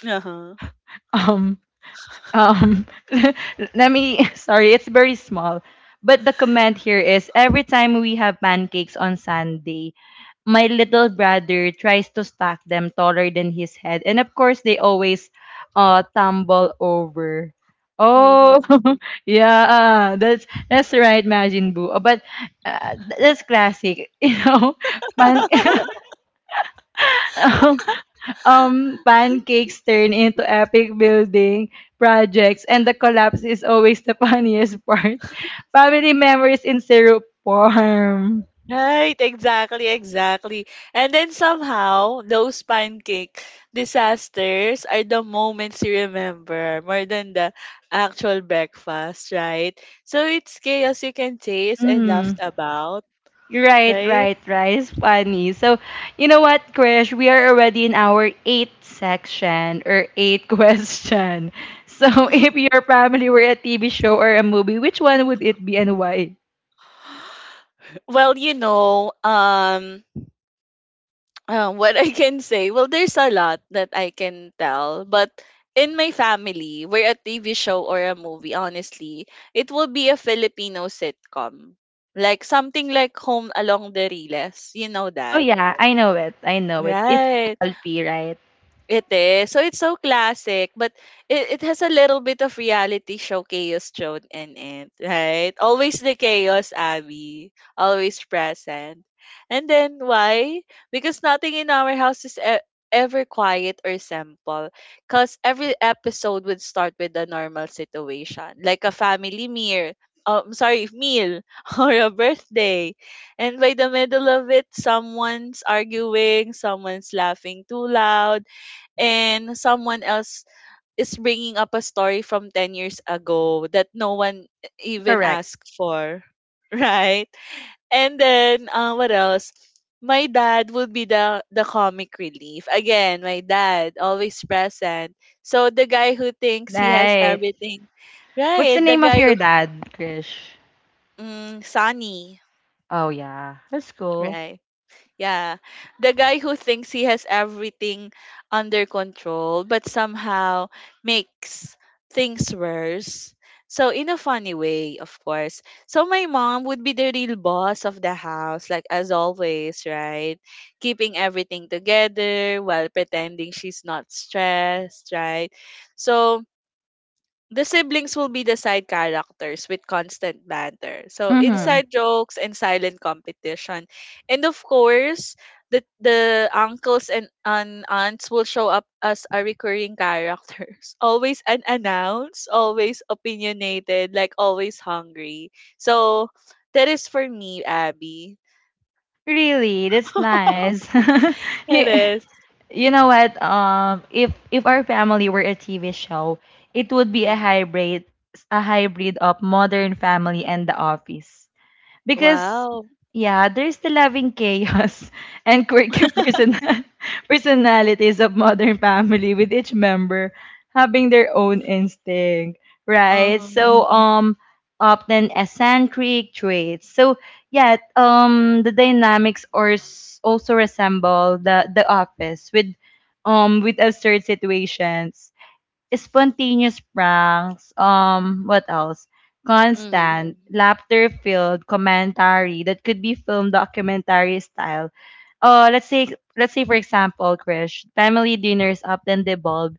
[SPEAKER 2] Uh-huh.
[SPEAKER 1] (laughs) Um, Um, (laughs) let me, (laughs) sorry, it's very small. But the comment here is every time we have pancakes on Sunday, my little brother tries to stack them taller than his head. And of course, they always tumble over.
[SPEAKER 2] Mm-hmm.
[SPEAKER 1] Oh, (laughs) yeah, that's right, Majin Buu. That's classic, (laughs) you know. Pan-
[SPEAKER 2] (laughs)
[SPEAKER 1] (laughs) pancakes turn into epic building projects and the collapse is always the funniest part. (laughs) Family memories in syrup form.
[SPEAKER 2] Right, exactly, exactly. And then somehow those pancake disasters are the moments you remember more than the actual breakfast, right? So it's chaos you can taste and laugh
[SPEAKER 1] Mm.
[SPEAKER 2] about,
[SPEAKER 1] Right,
[SPEAKER 2] right?
[SPEAKER 1] right, right. It's funny. So, you know what, Krish? We are already in our eighth section or eighth (laughs) question. So, if your family were a TV show or a movie, which one would it be and why?
[SPEAKER 2] Well, you know, (tsk) what (laughs) I can say, well, there's a lot that I can tell, but in my family, we're a TV show or a movie, honestly, it will be a Filipino sitcom. Like something like Home Along the Riles. You know
[SPEAKER 1] Oh,
[SPEAKER 2] that,
[SPEAKER 1] yeah. I know it. It's
[SPEAKER 2] right?
[SPEAKER 1] Dolphy, right?
[SPEAKER 2] It is. So it's so classic, but it has a little bit of reality show chaos thrown in it, right? Always the chaos, Abby. Always present. And then why? Because nothing in our house is ever quiet or simple. Because every episode would start with a normal situation, like a family meal. Meal (laughs) or a birthday. And by the middle of it, someone's arguing, someone's laughing too loud, and someone else is bringing up a story from 10 years ago that no one even
[SPEAKER 1] Correct.
[SPEAKER 2] asked for. (laughs) Right, and then what else, my dad would be the comic relief. Again, my dad always present, so the guy who thinks he has
[SPEAKER 1] Right.
[SPEAKER 2] everything,
[SPEAKER 1] What's the
[SPEAKER 2] right, the
[SPEAKER 1] name of
[SPEAKER 2] guy
[SPEAKER 1] your
[SPEAKER 2] who—
[SPEAKER 1] dad, Krish?
[SPEAKER 2] mm, Sunny,
[SPEAKER 1] Oh yeah, that's cool.
[SPEAKER 2] right. Yeah. The guy who thinks he has everything under control but somehow makes things worse. So in a funny way, of course. So my mom would be the real boss of the house, like as always, right? Keeping everything together while pretending she's not stressed, right? So the siblings will be the side characters with constant banter. So
[SPEAKER 1] Mm-hmm.
[SPEAKER 2] inside jokes and silent competition. And of course, the and aunts will show up as a recurring characters. (laughs) Always unannounced, always opinionated, like always hungry. So that is for me, Abby.
[SPEAKER 1] Really, that's nice. (laughs)
[SPEAKER 2] It
[SPEAKER 1] you,
[SPEAKER 2] is.
[SPEAKER 1] you know what? If our family were a TV show, it would be
[SPEAKER 2] Mhm.
[SPEAKER 1] a hybrid of Modern Family and The Office. Because
[SPEAKER 2] Wow.
[SPEAKER 1] yeah, there's the loving chaos (laughs) and quirky (laughs) personalities of Modern Family with each member having their own instinct, right?
[SPEAKER 2] Uh-huh.
[SPEAKER 1] So mhm. Often eccentric traits. So yeah, the dynamics are also resemble the office with absurd situations. Spontaneous pranks, what else?
[SPEAKER 2] Mm-hmm.
[SPEAKER 1] Constant, laughter-filled commentary that could be filmed documentary style. Uh, let's say, let's say for example, Krish, family dinners often devolve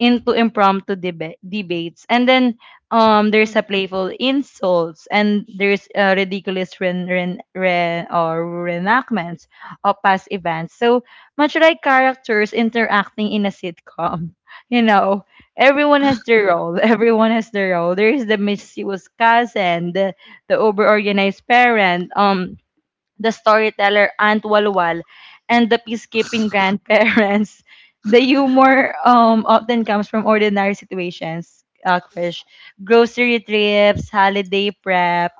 [SPEAKER 1] into impromptu debates and then there's a
[SPEAKER 2] Mm-hmm.
[SPEAKER 1] playful insults and there's ridiculous ren- ren- ren- or reenactments of past events so much like characters interacting in a sitcom, (laughs) you know, everyone has their role. (laughs) Everyone has their role. There is the mischievous cousin, the over-organized parent, the storyteller Aunt Walwal, and the peacekeeping grandparents. (laughs) The humor often comes from ordinary situations, Krish. Grocery trips, holiday prep,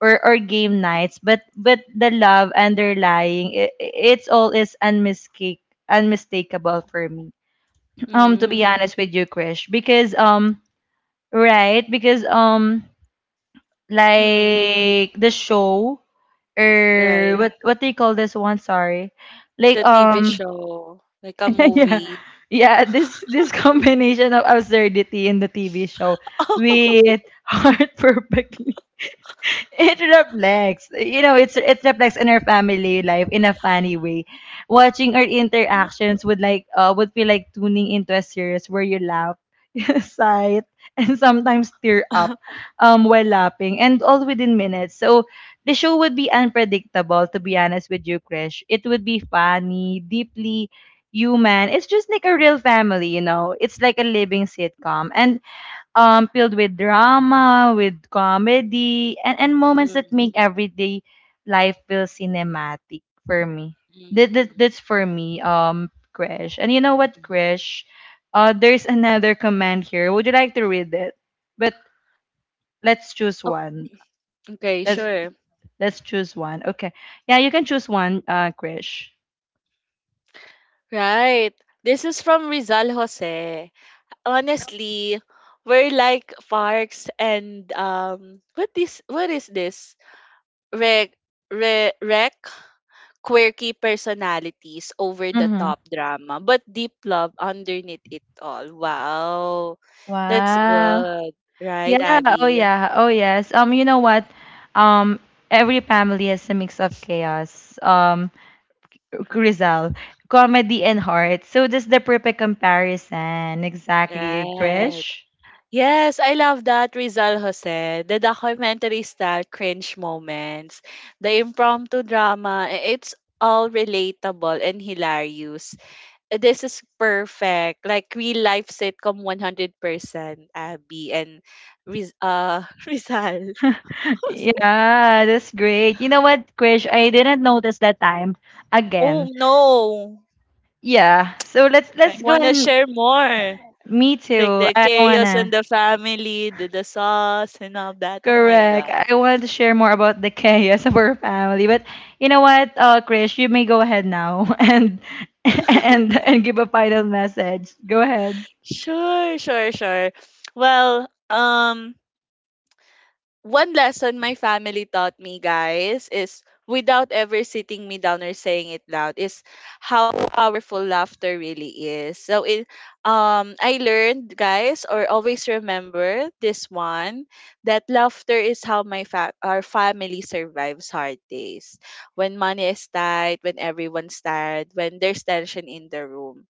[SPEAKER 1] or game nights. But the love underlying, it's all is unmistakable for me, to be honest with you, Krish. Because right because
[SPEAKER 2] Mm-hmm.
[SPEAKER 1] like the show or
[SPEAKER 2] Right.
[SPEAKER 1] what do you call this one, sorry, like
[SPEAKER 2] The TV show, like a
[SPEAKER 1] (laughs) yeah
[SPEAKER 2] movie.
[SPEAKER 1] yeah, this (laughs) combination of absurdity in the TV show with
[SPEAKER 2] (laughs)
[SPEAKER 1] (laughs) heart, perfect. (laughs) it reflects, you know, it reflects in our family life in a funny way. Watching our interactions would like would feel like tuning into a series where you laugh, (laughs) you sigh and sometimes tear up while laughing and all within minutes. So the show would be unpredictable, to be honest with you, Krish. It would be funny, deeply human. It's just like a real family, you know, it's like a living sitcom and filled with drama, with comedy, and moments that
[SPEAKER 2] Mm,
[SPEAKER 1] make everyday life feel cinematic for me.
[SPEAKER 2] mm,
[SPEAKER 1] That, that,
[SPEAKER 2] mm,
[SPEAKER 1] that's for me, Krish. And you know what,
[SPEAKER 2] mm.
[SPEAKER 1] Krish? There's another command here. Would you like to read it? But let's choose
[SPEAKER 2] Oh,
[SPEAKER 1] one.
[SPEAKER 2] okay,
[SPEAKER 1] Let's
[SPEAKER 2] sure.
[SPEAKER 1] let's choose one. Okay. Yeah, you can choose one, Krish.
[SPEAKER 2] Right. This is from Rizal Jose. Honestly, we're like Parks and what is this? Rec, rec, quirky personalities, over the
[SPEAKER 1] Mm-hmm.
[SPEAKER 2] top drama, but deep love underneath it all. Wow. That's
[SPEAKER 1] Wow.
[SPEAKER 2] good. Right,
[SPEAKER 1] Yeah, oh
[SPEAKER 2] Abby?
[SPEAKER 1] yeah, oh yes. You know what? Um, every family has a mix of chaos. Rizal, comedy and heart. So that's the perfect comparison. Exactly,
[SPEAKER 2] Right.
[SPEAKER 1] Krish.
[SPEAKER 2] Yes, I love that, Rizal Jose. The documentary style cringe moments, the impromptu drama, it's all relatable and hilarious. This is perfect. Like real life sitcom 100%, Abby and (laughs) Rizal.
[SPEAKER 1] (laughs)
[SPEAKER 2] (laughs)
[SPEAKER 1] Yeah, that's great. You know what, Krish? I didn't notice that time
[SPEAKER 2] Oh
[SPEAKER 1] again.
[SPEAKER 2] no,
[SPEAKER 1] Yeah. So let's
[SPEAKER 2] I
[SPEAKER 1] go
[SPEAKER 2] want to
[SPEAKER 1] and
[SPEAKER 2] share more.
[SPEAKER 1] me
[SPEAKER 2] Like
[SPEAKER 1] too.
[SPEAKER 2] the
[SPEAKER 1] I don't
[SPEAKER 2] chaos and
[SPEAKER 1] wanna.
[SPEAKER 2] the family, the sauce and all that. Oh my
[SPEAKER 1] Correct.
[SPEAKER 2] God.
[SPEAKER 1] I wanted to share more about the chaos of our family, but you know what, Chris, you may go ahead now (laughs) and give a final message. Go ahead.
[SPEAKER 2] Sure, sure, sure. Well, one lesson my family taught me, guys, is without ever sitting me down or saying it loud, is how powerful laughter really is. So I learned, guys, or always remember this one, that laughter is how our family survives hard days. When money is tight, when everyone's tired, when there's tension in the room,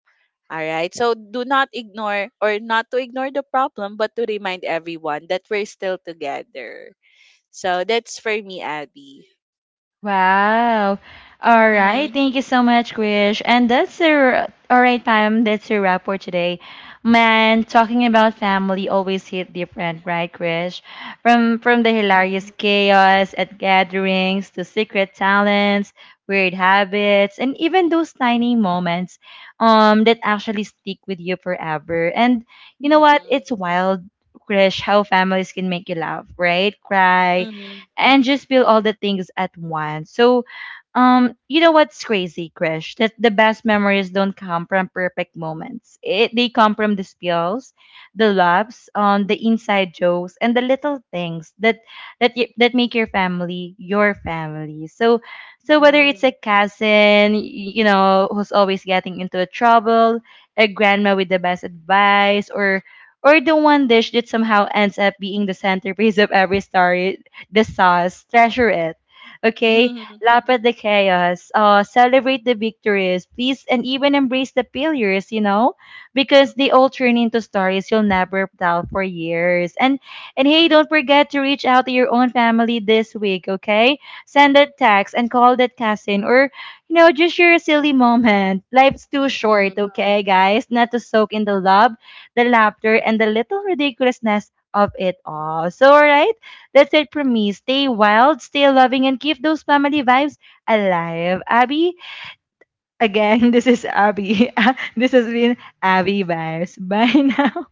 [SPEAKER 2] all right. So do not ignore, or not to ignore the problem, but to remind everyone that we're still together. So that's for me, Abby.
[SPEAKER 1] Wow. All right.
[SPEAKER 2] Mm-hmm.
[SPEAKER 1] Thank you so much, Krish. And that's a all right time. That's a wrap for today. Man, talking about family always hit different, right, Krish? From the
[SPEAKER 2] Mm-hmm.
[SPEAKER 1] hilarious chaos at gatherings to secret talents, weird habits, and even those tiny moments that actually stick with you forever. And you know what? It's wild, Krish, how families can make you laugh, right? Cry,
[SPEAKER 2] Mm-hmm. Mm-hmm.
[SPEAKER 1] and just build all the things at once. So, you know what's crazy, Krish? That the best memories don't come from perfect moments. It They come from the spills, the laughs, the inside jokes, and the little things that you, that make your family your family. So, so whether it's
[SPEAKER 2] Mm-hmm.
[SPEAKER 1] a cousin, you know, who's always getting into trouble, a grandma with the best advice, or the one dish that somehow ends up being the centerpiece of every story, the sauce, treasure it. Okay?
[SPEAKER 2] Mm-hmm.
[SPEAKER 1] Laugh at the chaos, celebrate the victories, please, and even embrace the failures, you know? Because they all turn into stories you'll never tell for years. And hey, don't forget to reach out to your own family this week, okay? Send that text and call that cousin or you know, just share a silly moment. Life's too short,
[SPEAKER 2] Mm-hmm.
[SPEAKER 1] okay, guys? Not to soak in the love, the laughter, and the little ridiculousness of it all. So, alright, that's it from me. Stay wild, stay loving, and keep those family vibes alive. Abby, again, (laughs) this is Abby. (laughs) this has been Abby Vibes. Bye (laughs) now.